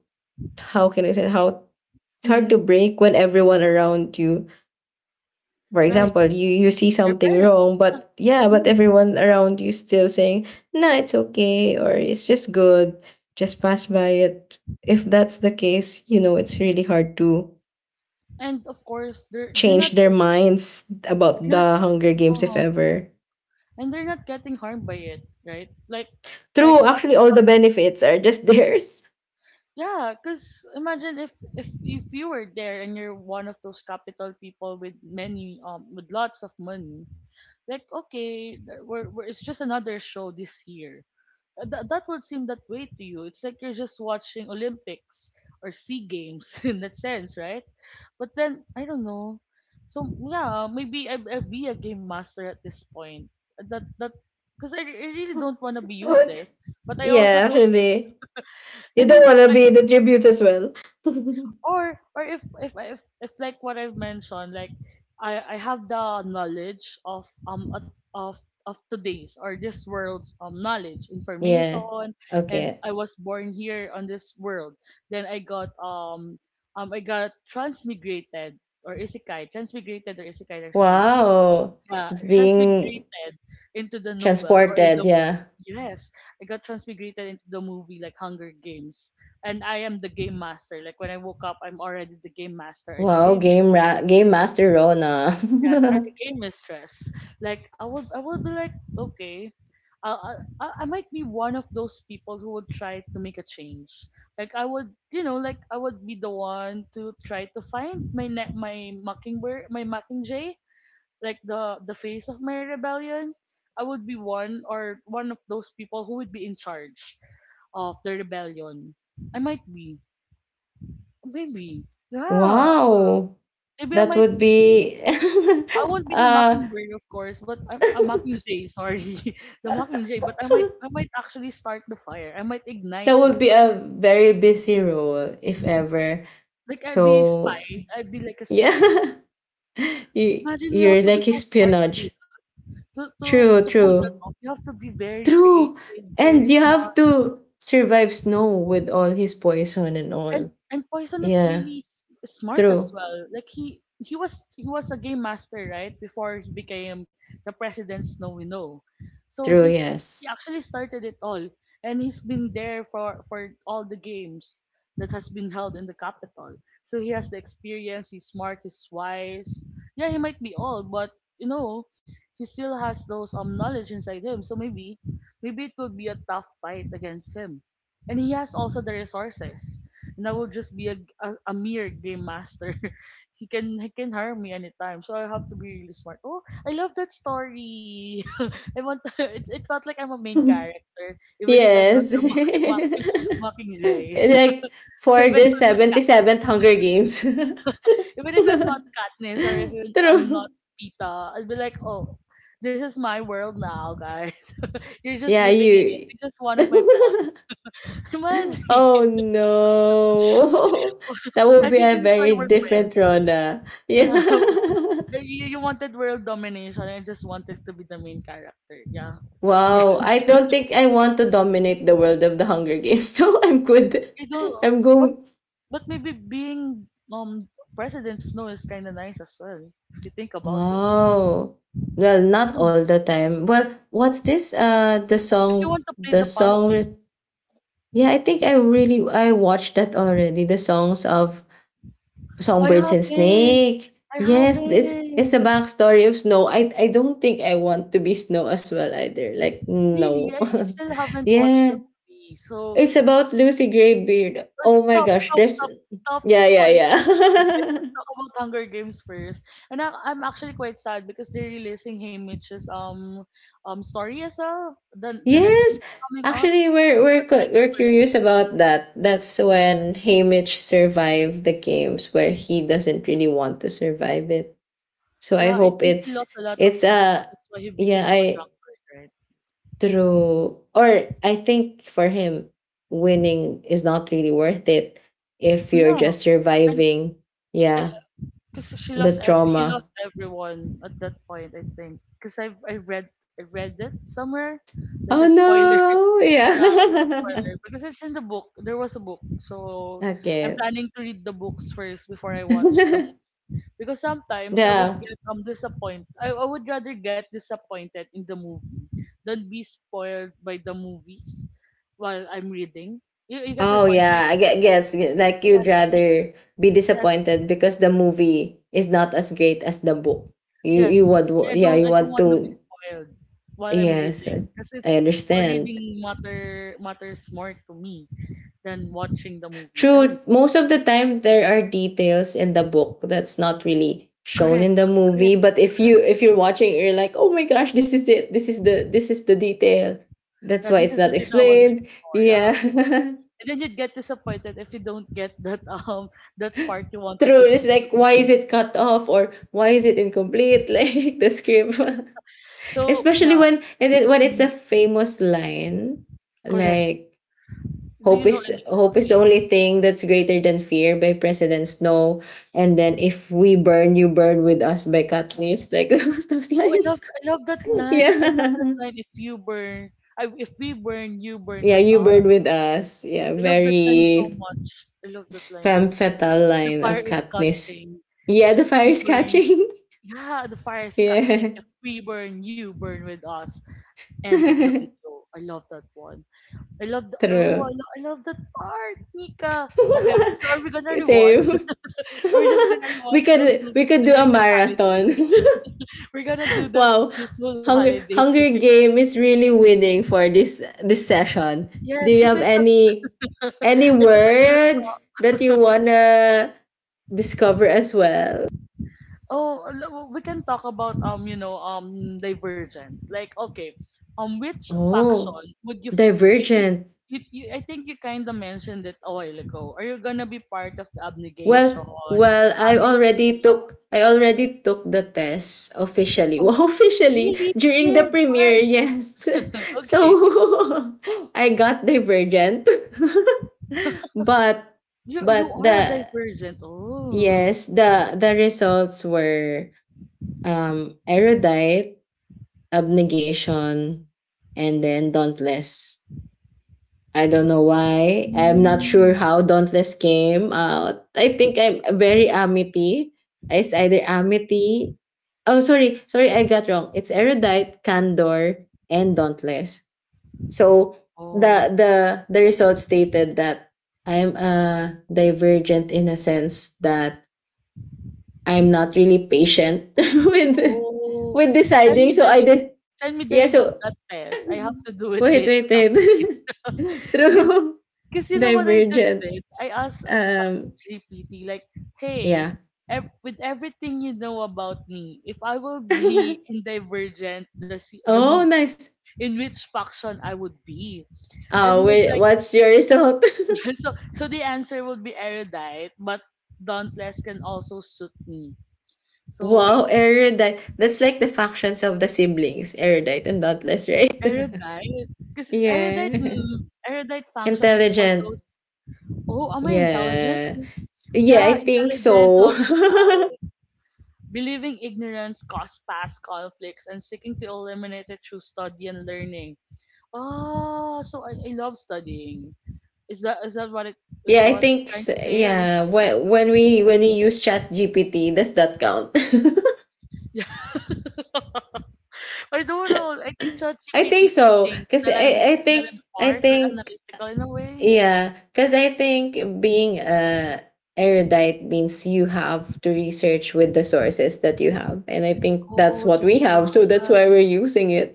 How can I say? How it's hard to Mm-hmm. break when everyone around you, for Right. example, you see Their something wrong, parents, but yeah, yeah. but Mm. everyone around you still saying, nah, it's okay, or it's just good, just pass by it. If that's the case, you know, it's really hard to And of course, they're they're change not their get- minds about they're not the Hunger Games, if uh ever. and they're not getting harmed by it, right? True, Like actually nothing's all the happening. benefits are just theirs. Yeah, because imagine if if you were there and you're one of those capital people with many with lots of money, like okay, we're it's just another show this year. That would seem that way to you. It's like you're just watching Olympics or Sea Games in that sense, right? But then I don't know. So yeah, maybe I'd be a game master at this point. That that because I really don't want to be useless, but I also Yeah, don't. actually I you don't mean, want if to I be the tribute as well. or if like what I've mentioned, like I have the knowledge of of today's or this world's knowledge Yeah. information, and Okay. I was born here on this world. Then I got transmigrated or isekai. Transmigrated or isekai are same thing. Wow. Yeah, Being transmigrated into the novel or in transported, the movie. yeah. Yes, I got transmigrated into the movie like Hunger Games, and I am the game master. Like when I woke up, I'm already the game master or the Wow, game mistress. game master Rona. Yes, or the game mistress. Like I would be like, okay, I might be one of those people who would try to make a change. Like I would, you know, like I would be the one to try to find my mockingbird, my mockingjay, like the face of my rebellion. I would be one or one of those people who would be in charge of the rebellion. I might be. Maybe. Yeah. wow. Maybe I That might would be. be I won't be the uh mockingbird, of course, but I'm a mockingjay. Sorry, the mockingjay. But I might actually start the fire. I might ignite that the would be fire. a very busy role if ever. Like I'd be a So, spy. I'd be like a spy. yeah. you Imagine you you're have to be like so smart to do espionage. that, to to True, to pull that true. off. You have to be very True. creative, very And you smart. have to survive Snow with all his poison and all. And Poison is Yeah. really smart as True. well. Like he was a game master right before he became the president's no we know. So True. he's he Yes. actually started it all, and he's been there for all the games that has been held in the capital. So he has the experience. He's smart. He's wise. Yeah, he might be old, but you know he still has those knowledge inside him. So maybe maybe it will be a tough fight against him, and he has also the resources, and I will just be a mere game master. He can hire me anytime, so I have to be really smart. Oh, I love that story. I want it. It felt like I'm a main character, even if I'm not the Yes. mocking mocking, mocking Jay. It's like for even the if I'm not Kat, 77th Hunger Games. even if I'm not Katniss, or if I'm True. not Pita, I'll be like, oh, this is my world now, guys. You're just Yeah, living in it. you. You're just one of my pawns. Imagine. Oh no. That would I be think a this is why very we're different Rona. Yeah. friends. Like, you wanted world domination. I just wanted to be the main character. Yeah. Yeah. Wow. I don't think I want to dominate the world of the Hunger Games. So I'm good. You don't, I'm but, go but maybe being President Snow is kind of nice as well, if you think about it. Oh, well, I don't not know. all the time. Well, what's this? The If you song, want to play the the song. re- politics, Yeah, I think I watched that already. The songs of I Songbirds and haven't. Snake. I Yes, it's a haven't. backstory of Snow. I don't think I want to be Snow as well either. Like Really, no, I still haven't watched the yeah. movie. So It's about Lucy Greybeard. Oh my stop, gosh, there's stop yeah, yeah, spoiling it for me. Let's yeah. just talk about Hunger Games first. And I'm actually quite sad because they're releasing Hey Mitch's story as well. The next Yes, movie coming up. actually, I'm so excited we're for it. curious about that. That's when Haymitch survived the games where he doesn't really want to survive it. So I Yeah, I hope think he it's lost a lot of it's people. a, That's why he yeah. became a I drunkard, right? true or I think for him, winning is not really worth it if you're Yeah, just and surviving, yeah, because she the lost, he trauma. lost everyone at that point. I think because I read it somewhere, like a Oh spoiler. no! Yeah, it's a Yeah. spoiler because it's in the book. There was a book, so I'm Okay. planning to read the books first before I watch the movie. Because sometimes I would Yeah. get disappointed. I would rather get disappointed in the movie than be spoiled by the movies while I'm reading. You get my Oh, point? yeah, Like I guess, like, you'd yes, rather be yes, disappointed because the movie is not as great as the book. You yes. would wa Yeah, you I don't want want to be to. spoiled while I'm Yes, yes, reading because I it's more understand. reading matters more to me than watching the movie. I don't True, know. most of the time there are details in the book that's not really shown Correct, in the movie, correct. but if you're watching, you're like, "Oh my gosh, this is it. This is the detail." That's Yeah, why this it's is not, the oh, tip I was explained. looking for. Yeah. Yeah, and then you'd get disappointed if you don't get that that part you wanted to True. It's see in like, the why is movie. it cut off or why is it incomplete? Like the script, So especially yeah, when and it, when it's mm, a famous line, correct. like Do hope you know is the, any? hope is the Yeah. only thing that's greater than fear, by President Snow, and then if we burn, you burn with us, by Katniss. Like those Oh, lines. I love that line. I love that Yeah, line. If we burn, you burn yeah, with you burn us. with us. Yeah, I love that line so very much. I love that line. femme fatale The line fire of is Katniss. catching. Yeah, If the we fire's burn, catching. yeah, the fire is catching. Yeah. If we burn, you burn with us. End of the video. I love that one. I love the, oh, True. I love that part, Nika. Okay, so are we gonna rewatch? Same. Are we just gonna we rewatch those could we movies could do a during this holiday? marathon. We're gonna do that Wow. this whole Hunger holiday. Hunger Game is really winning for this session. Do Yes, you because have I thought, any I thought any we're gonna words talk. that you wanna discover as well? Oh, we can talk about you know, Divergent. Like, okay, which faction Oh, would you fit into? I think Divergent. You I think you kind of mentioned it a while ago. Are you gonna be part of the Well abnegation, well, I amity? already took I already took the test officially. Oh, Well, officially really? You during the did? premiere, Fun. yes. So Okay. I got Divergent. but You but you are the a divergent. Oh. yes, the results were Erudite, Abnegation, and then Dauntless. I don't know why. I'm not sure Mm. how Dauntless came out. I think I'm very Amity. It's either Amity. Oh, sorry. Sorry, I got wrong. It's Erudite, Candor, and Dauntless. So Oh. the the result stated that I'm Divergent, in a sense that I'm not really patient with Oh. with Send deciding. me So the link. Send me the yeah. link of So that test. I have to do it wait, later wait, wait. after this. Cause, True. cause you know what I just Divergent. did? I asked Um, ChatGPT like, hey, Yeah. With everything you know about me, if I will be in Divergent, the movie, Oh, nice. in which faction I would be? And he Oh, was wait, like what's your result? So the answer would be erudite, but dauntless can also suit me. So wait, Wow, Erudite. That's like the factions of the siblings, Erudite and Dauntless, right? erudite? Because erudite, Yeah. mm, erudite function is for Intelligent. those. Oh, am I intelligent? Yeah. Yeah, Yeah, I think intelligent, so. logical. Believing ignorance caused past conflicts and seeking to eliminate it through study and learning. Oh, so I love studying. Is that what it Yeah, I was think trying s to say? Or, yeah. When we use chat GPT, does that count? yeah. I don't know. I think I think ChatGPT so. thinks 'Cause that I'm I smart or think analytical in a way. yeah, because I think being a Erudite means you have to research with the sources that you have, and I think that's Oh, what we that's why. have, so that's why we're using it.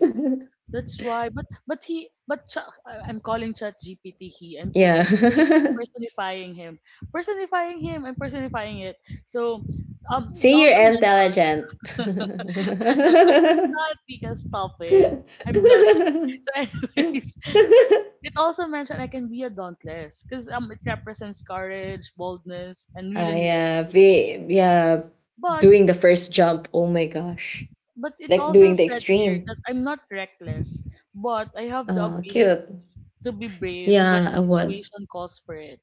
That's why. But I- I'm calling ChatGPT he. Yeah. I'm putting I'm personifying him. Personifying him. I'm personifying it. So it See, also you're mentioned intelligent. I'm not because stop it. I'm blushing. So anyways, it also mentioned I can be a dauntless because it represents courage, boldness, and willingness to yeah, take risks. yeah, But doing the first jump. Oh my gosh, but it like also doing the said here extreme. that I'm not reckless, but I have the Oh, ability cute. to be brave when the Yeah, what. situation calls for it.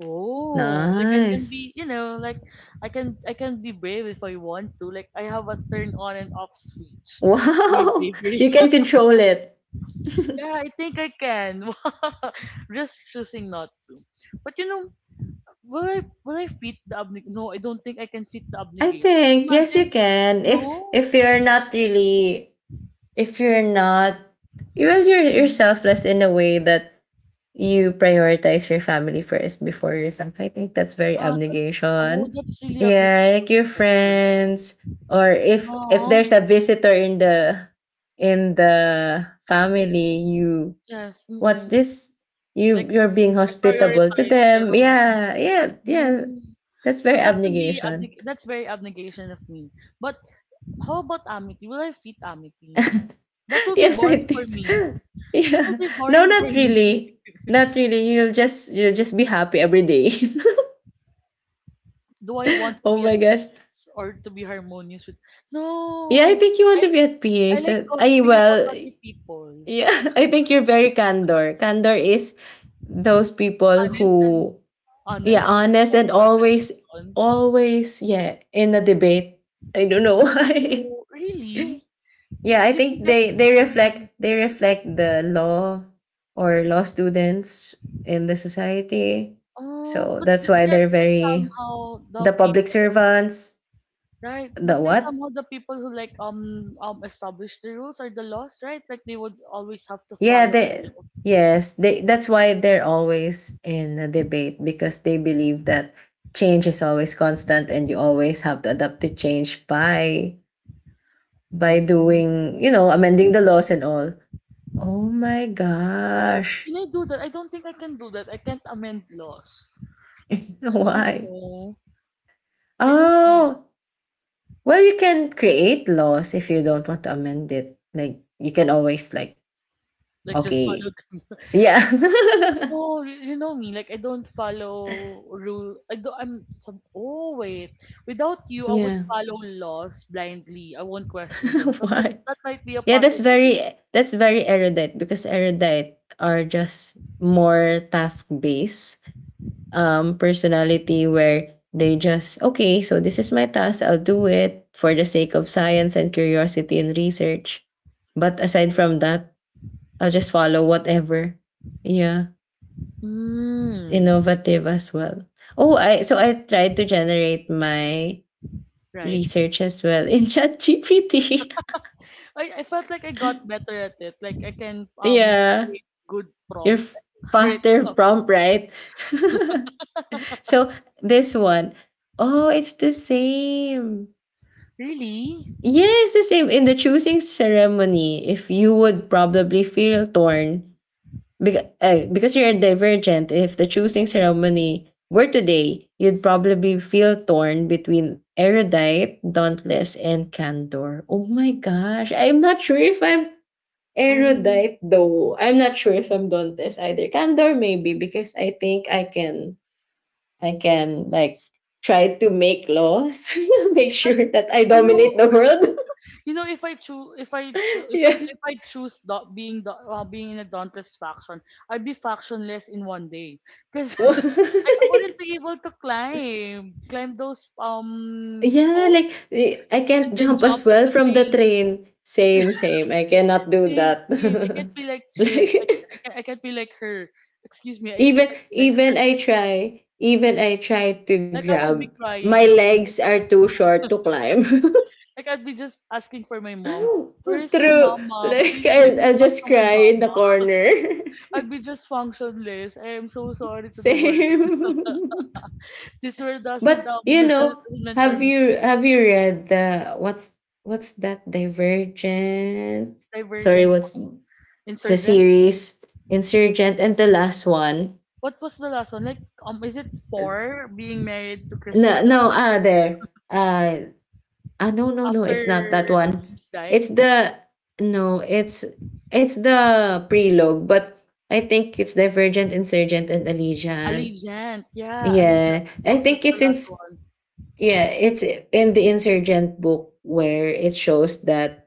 Oh, like I can Nice. be, you know, like I can be brave if I want to. Like I have a turn on and off switch for my Wow. bravery. You can control it. Yeah, I think I can. Just choosing not to. But you know, will I fit the obli no, I don't think I can fit the I obligation. think yes, you Imagine can. If no? if you're not really, if you're not, well, you're Mhm. selfless in a way that you prioritize your family first before yourself. I think that's very Ah, so oh, Abnegation. that's really obligation. Yeah, like your Correct, correct. friends, or if Oo, there's a visitor in the family, you, yes, what's mm. this? You Like, I you're being I hospitable to prioritize their them. well-being Yeah, first. yeah, yeah. No. That's So very that would be obligation. abneg that's very abnegation of me. But how about amity? Will I fit amity? That will be Yes, I boring think. for me. So. That will Yeah. be No, boring for not me. really. Not really. You'll just be happy every day. Do I want to Oh be at my gosh. peace or to be harmonious with? Yeah, I No! think you want I to be at PA. I like So, I gossiping about Well, other people. yeah. I think you're very Candor. Candor is those people Honest and who, yeah, honest and honest and loves always confrontation. always yeah, in a debate. I don't know why. Oh, really? Yeah, I You think think I? they reflect the law, or law students, in the society. Oh, So but that's why they're there very somehow the the public people, servants, right? the But they what? somehow the people who like establish the rules or the laws, right? Like they would always have to Yeah, follow the they law. yes, they that's why they're always in a debate, because they believe that change is always constant and you always have to adapt to change by Hmm. doing, you know, amending the laws and all. Oh my Oh, gosh. can I do that? I don't think I can do that. I can't amend laws. I don't Why? know. I don't know. Oh, well, you can create laws if you don't want to amend it. Like you can always, like, Like just follow okay. them. Yeah. You no, you know me, like I don't follow rule. I don't. I'm. Some, oh wait, without you, I would Yeah. follow laws blindly. I won't question them. So that Why? that might be a Yeah, that's possibility. very, that's very Erudite, because Erudite are just more task based personality, where they just, okay, so this is my task, I'll do it for the sake of science and curiosity and research. But aside from Oh. that, I'll just follow whatever. Yeah. Mm, Innovative as well. Oh, I So I tried to generate my right. research as well in ChatGPT. I felt like I got better at it. Like I can Yeah, create good your prompts. Right. faster Oh, prompt, right? So this one, oh, it's the same. really? Yes, the same in the choosing ceremony. If you would probably feel torn. Because you're a Divergent, if the choosing ceremony were today, you'd probably feel torn between Erudite, Dauntless, and Candor. Oh my gosh. I'm not sure if I'm Oh, Erudite though. I'm not sure if I'm Dauntless either. Candor maybe, because I think I can like try to make laws, make if I sure that I you know dominate the world. you know, if I choose, if I Yeah. if I choose do- being in a dauntless faction, I'd be factionless in one day because I wouldn't be able to climb those Yeah, like, posts I can't and then jump jump as well into from the things. train. Same, same. I Same, cannot do same, that. same. I can't be like Chris. Like Like I can't be like her. Excuse me, I even can't be like her. even I try, even I try to Like I would be grab. crying. My I would be legs just are too short to climb. like I'd be just asking for my mom. Where is my True. mama? Like, Please bring I'll, me I'll back to just my cry in the mama. corner. I'd be just functionless. I am so sorry to the world. Same. This world doesn't But you know, doesn't meant for have you me. have you read the, what's that, Divergent? Sorry, Divergent, what's the insurgent. series? Insurgent and the last one. What was the last one? Like is it four being married to No, Christina no, there. Uh, no, no, no. It's not that after one. she's It's died? the No. It's the prelogue, but I think it's Divergent, Insurgent, and Allegiant. Allegiant, yeah, Allegiant. Yeah, I think That's the it's in last one. yeah, it's in the Insurgent book where it shows that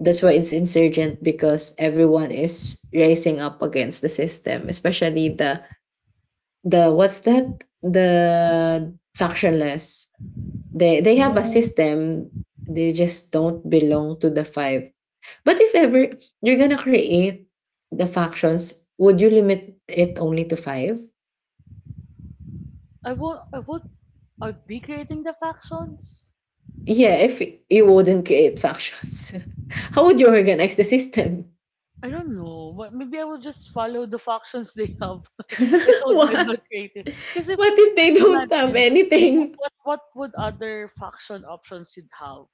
that's why it's Insurgent, because everyone is rising up against the system, especially the. The, what's that? The factionless. They have a No, system. They just don't belong to the five. But if ever you're gonna create the factions, would you limit it only to five? I won't. I would. I'd be creating the factions. Yeah, if you wouldn't create factions, how would you organize the system? I don't know. Maybe I will just follow the factions they have. I told you I'm What? not creative. Because if What if they just don't have imagine anything? What would other faction options you'd have?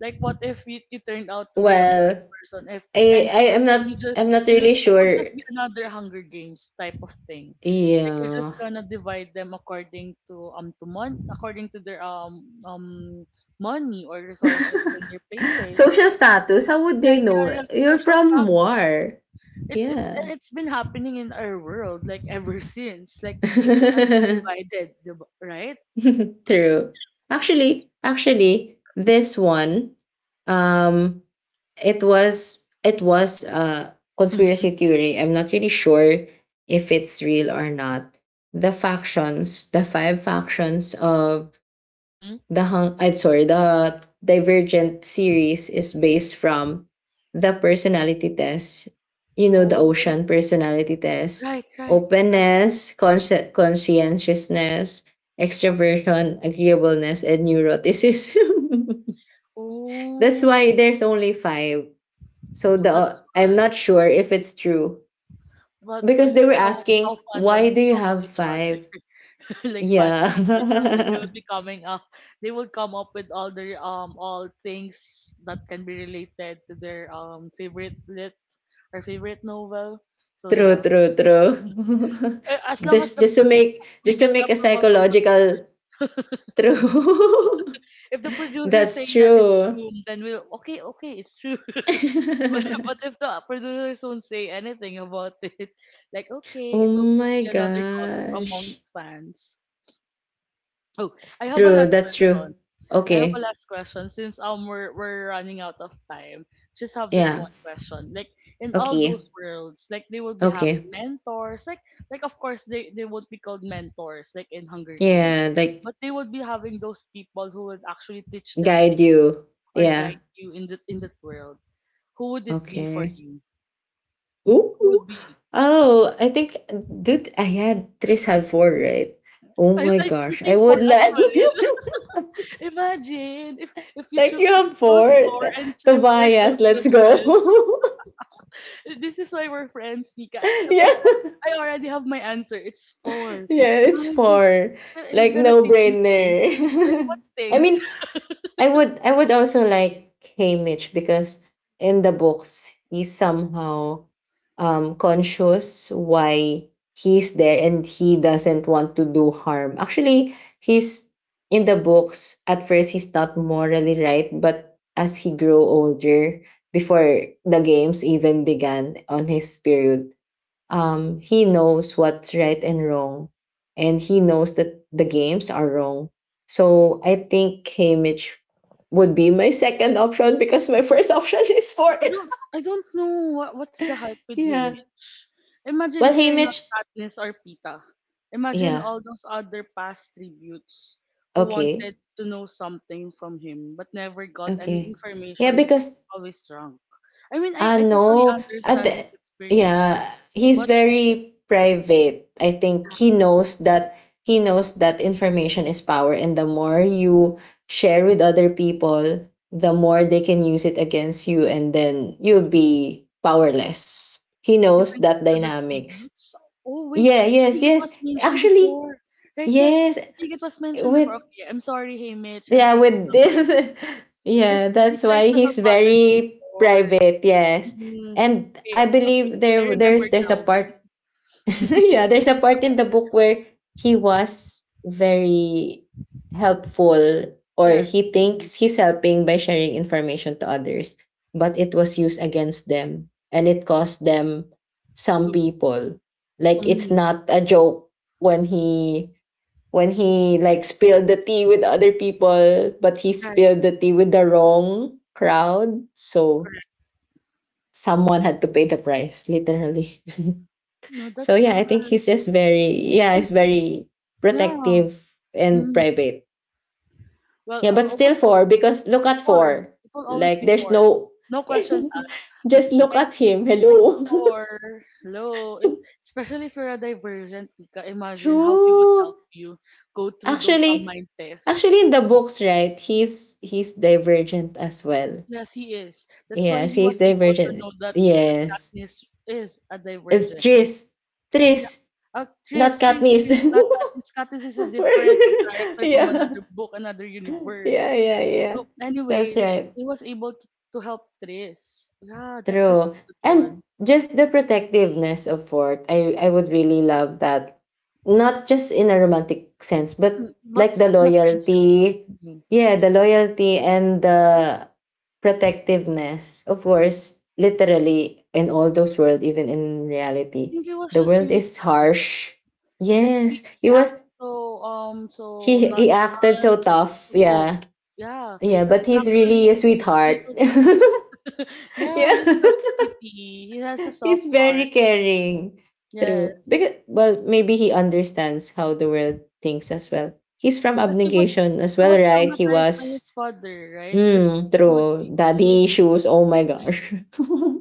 Like what if you turned out to be a bad Well, person? If and I I am and not you I'm just not you really it would sure. just be another Hunger Games type of thing. Like you're Yeah. just gonna divide them according to according to their money or resources in their places. Social status, how would they Like, yeah, know? like You're social from status, Moar. it's Yeah. and it's been happening in our world like ever since like people has been True. divided right. Actually, this one, um, it was a Mm-hmm, conspiracy theory. I'm not really sure if it's real or not. The factions, the five factions of mm-hmm. I'm sorry, the Divergent series, is based from the personality test. You know the Oh, ocean personality test: right, right. Uh, openness, conscientiousness, extroversion, agreeableness, and neuroticism. That's oh, why there's only five. So oh, that's the I'm why, not sure if it's true, but because they were you know how asking, why do fandoms you talk to have each other? five? Like fans talk to each other, Yeah. They will come up with all their all things that can be related to their favorite lit or favorite novel, so True, yeah. true, true. Eh, as long as This, the we just to get the make a approval from psychological. producers. True. If the producers say That's that it's true. true, then we'll okay, okay, it's true. But if the producers don't say anything about it, like okay, Oh it will just my be another gossip gosh. amongst fans. Oh, I have a True, last that's true. question. I have a Okay. last question since we're running out of time. Just have this Yeah. one question. Like in all Okay. those worlds, like they will be having Okay. mentors. Like of course they would be called mentors like in Hunger Games. Yeah, like, But they would be having those people who would actually teach them guide things you. or Yeah. guide you in that world. Who would it be for Okay. you? Who Ooh. would be it? Oh, I think, dude, I had Tris have four, right? Oh I my I gosh. I choosing for would as like well. Imagine if like, you if are you chose four bored. and four Tobias, chose you let's as well. go. This is why we're friends, Nika. I was like, Yeah. I already have my answer. It's four. Yeah, it's Imagine four. Nika is Like, gonna no teach me things. brainer. Like what I things? mean, I would also like Haymitch, because in the books he's somehow conscious why he's there and he doesn't want to do harm. Actually, he's, in the books, at first he's not morally right, but as he grew older, before the games even began on his period, he knows what's right and wrong, and he knows that the games are wrong. So I think Haymitch would be my second option, because my first option is for. I don't know what what's the hype with Yeah. him. Imagine Well, if you're not Haymitch, Katniss or Pita. Imagine yeah, all those other past tributes who okay, wanted to know something from him but never got any okay, yeah, information because because he's always drunk. I mean I totally no. At understand his experiences. Yeah, he's But very private. I think he knows that information is power, and the more you share with other people, the more they can use it against you, and then you'll be powerless. He knows even that to the dynamics. tributes? Oh wait, Yeah. I Yes. think it Yes. was mentioned Actually, before. Right, yeah. yes. I think it was mentioned With before. Okay, I'm sorry, hey Mitch. I'm Yeah, taking with back this. what I've just said. Because Yeah, he that's tried why to he's help others very before. private. Yes, Mhm. and Okay, I okay. believe I there remember there's there's a now. part, yeah, there's a part in the book where he was very helpful, or Yes. he Mhm. thinks he's helping by sharing information to others, but it was used against them, and it cost them some To people. Like, it's mhm. not a joke when he like spilled the tea with other people, but he Right, spilled the tea with the wrong crowd. So correct. someone had to pay the price, literally. No, So that's yeah, I think he's just very yeah, and he's very no. protective and Mhm. private. Well, Yeah, but I still would four, because look at for four. it will always Like, be there's for. no No questions asked. just look Like. at him. Like Hello. for. Hello. If, especially if you're a divergent, Tika, imagine how he would True. help you go through those Actually, online tests. In the books, right? He's Divergent as well. Yes, he is. That's why Yes, he he's was able to Divergent. know that Yes. Katniss is a It's divergent. Tris. Yeah. Tris, not Katniss. Tris, not Katniss. Katniss is a different character from Yeah. another book, another Yeah, universe. yeah, yeah. So, That's anyways, right. he was able to help Tris. Yeah, that's True. a good And one. just the protectiveness of Fort, I would really love that. Not just in a romantic sense, Mm, but but like the for in a friendship, loyalty. mhm. Yeah, the loyalty and the protectiveness. Of course, literally in all those world, even in I reality, think he was the just world really is kind. harsh. Like he Yes. he He was acted so so he acted so nonchalant, like tough. so cold. Yeah. Yeah, Yeah, but but he's he's really actually a a sweetheart. little patut. Yeah. Yeah, he's such a cutie. He has a soft He's very heart. caring. True. Yes, Because, well, maybe he understands how the world thinks as well. He's from because Abnegation as he well, was right? Traumatized by his father, right? Because True. He would Daddy be issues. Oh my gosh. yes.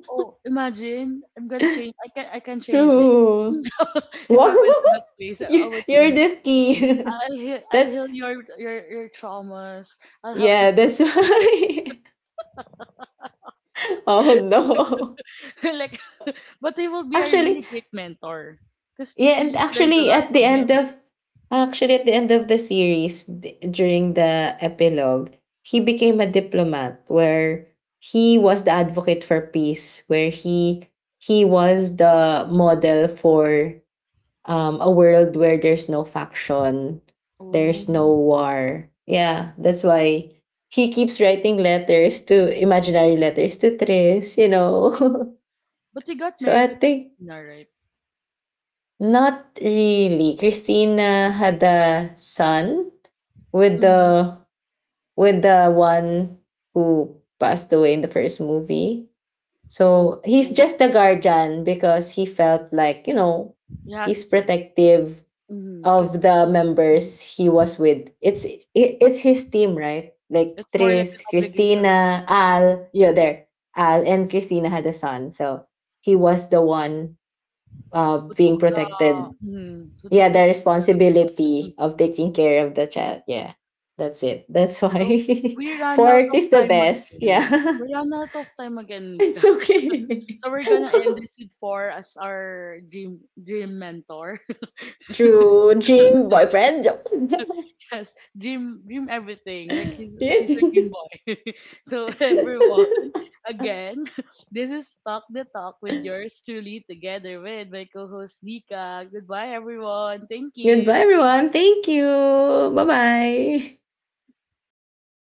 Oh, imagine I'm gonna change. I can change him. True. If I went to that What? place, I would You're change. the key. I'll that's heal your traumas. I'll help you Yeah, go that's through it. why. Oh no. Like, but they will be a Actually, really great mentor. Cause Yeah, and Chris learned a lot from him. Actually at the end of the series, during the epilogue, he became a diplomat where he was the advocate for peace, where he was the model for a world where there's no faction, Oh, there's no war. Yeah, that's why he keeps writing letters, to imaginary letters, to Tris. but he got So I married to think Christina, right? not really. Christina had a son with Mm-hmm. the with the one who passed away in the first movie. Oh, So he's oh, just the guardian, because he felt like, he has he's to. protective Mm-hmm. of Cause it's the just, mhm. members he was with. It's his team, right? Like It's more like an Tris, obligation to Christina, him. Mhm. Al, yeah, there. Al and Christina had a son. So he was the one, Who being took protected, the, mhm. Who yeah, took the the position of. responsibility of Mhm. taking care of the child. Yeah, that's it. That's why So we ran out fork of is the time best. again. Yeah, We ran out of time again. it's okay. So we're gonna end this with four as our dream dream mentor. True, dream boyfriend. Yes, dream dream everything. Like he's Yeah. he's a dream boy. So everyone, again, this is talk the talk with yours truly together with my co-host Nika. Goodbye, everyone. Thank Goodbye, you. everyone. Thank you. Bye bye.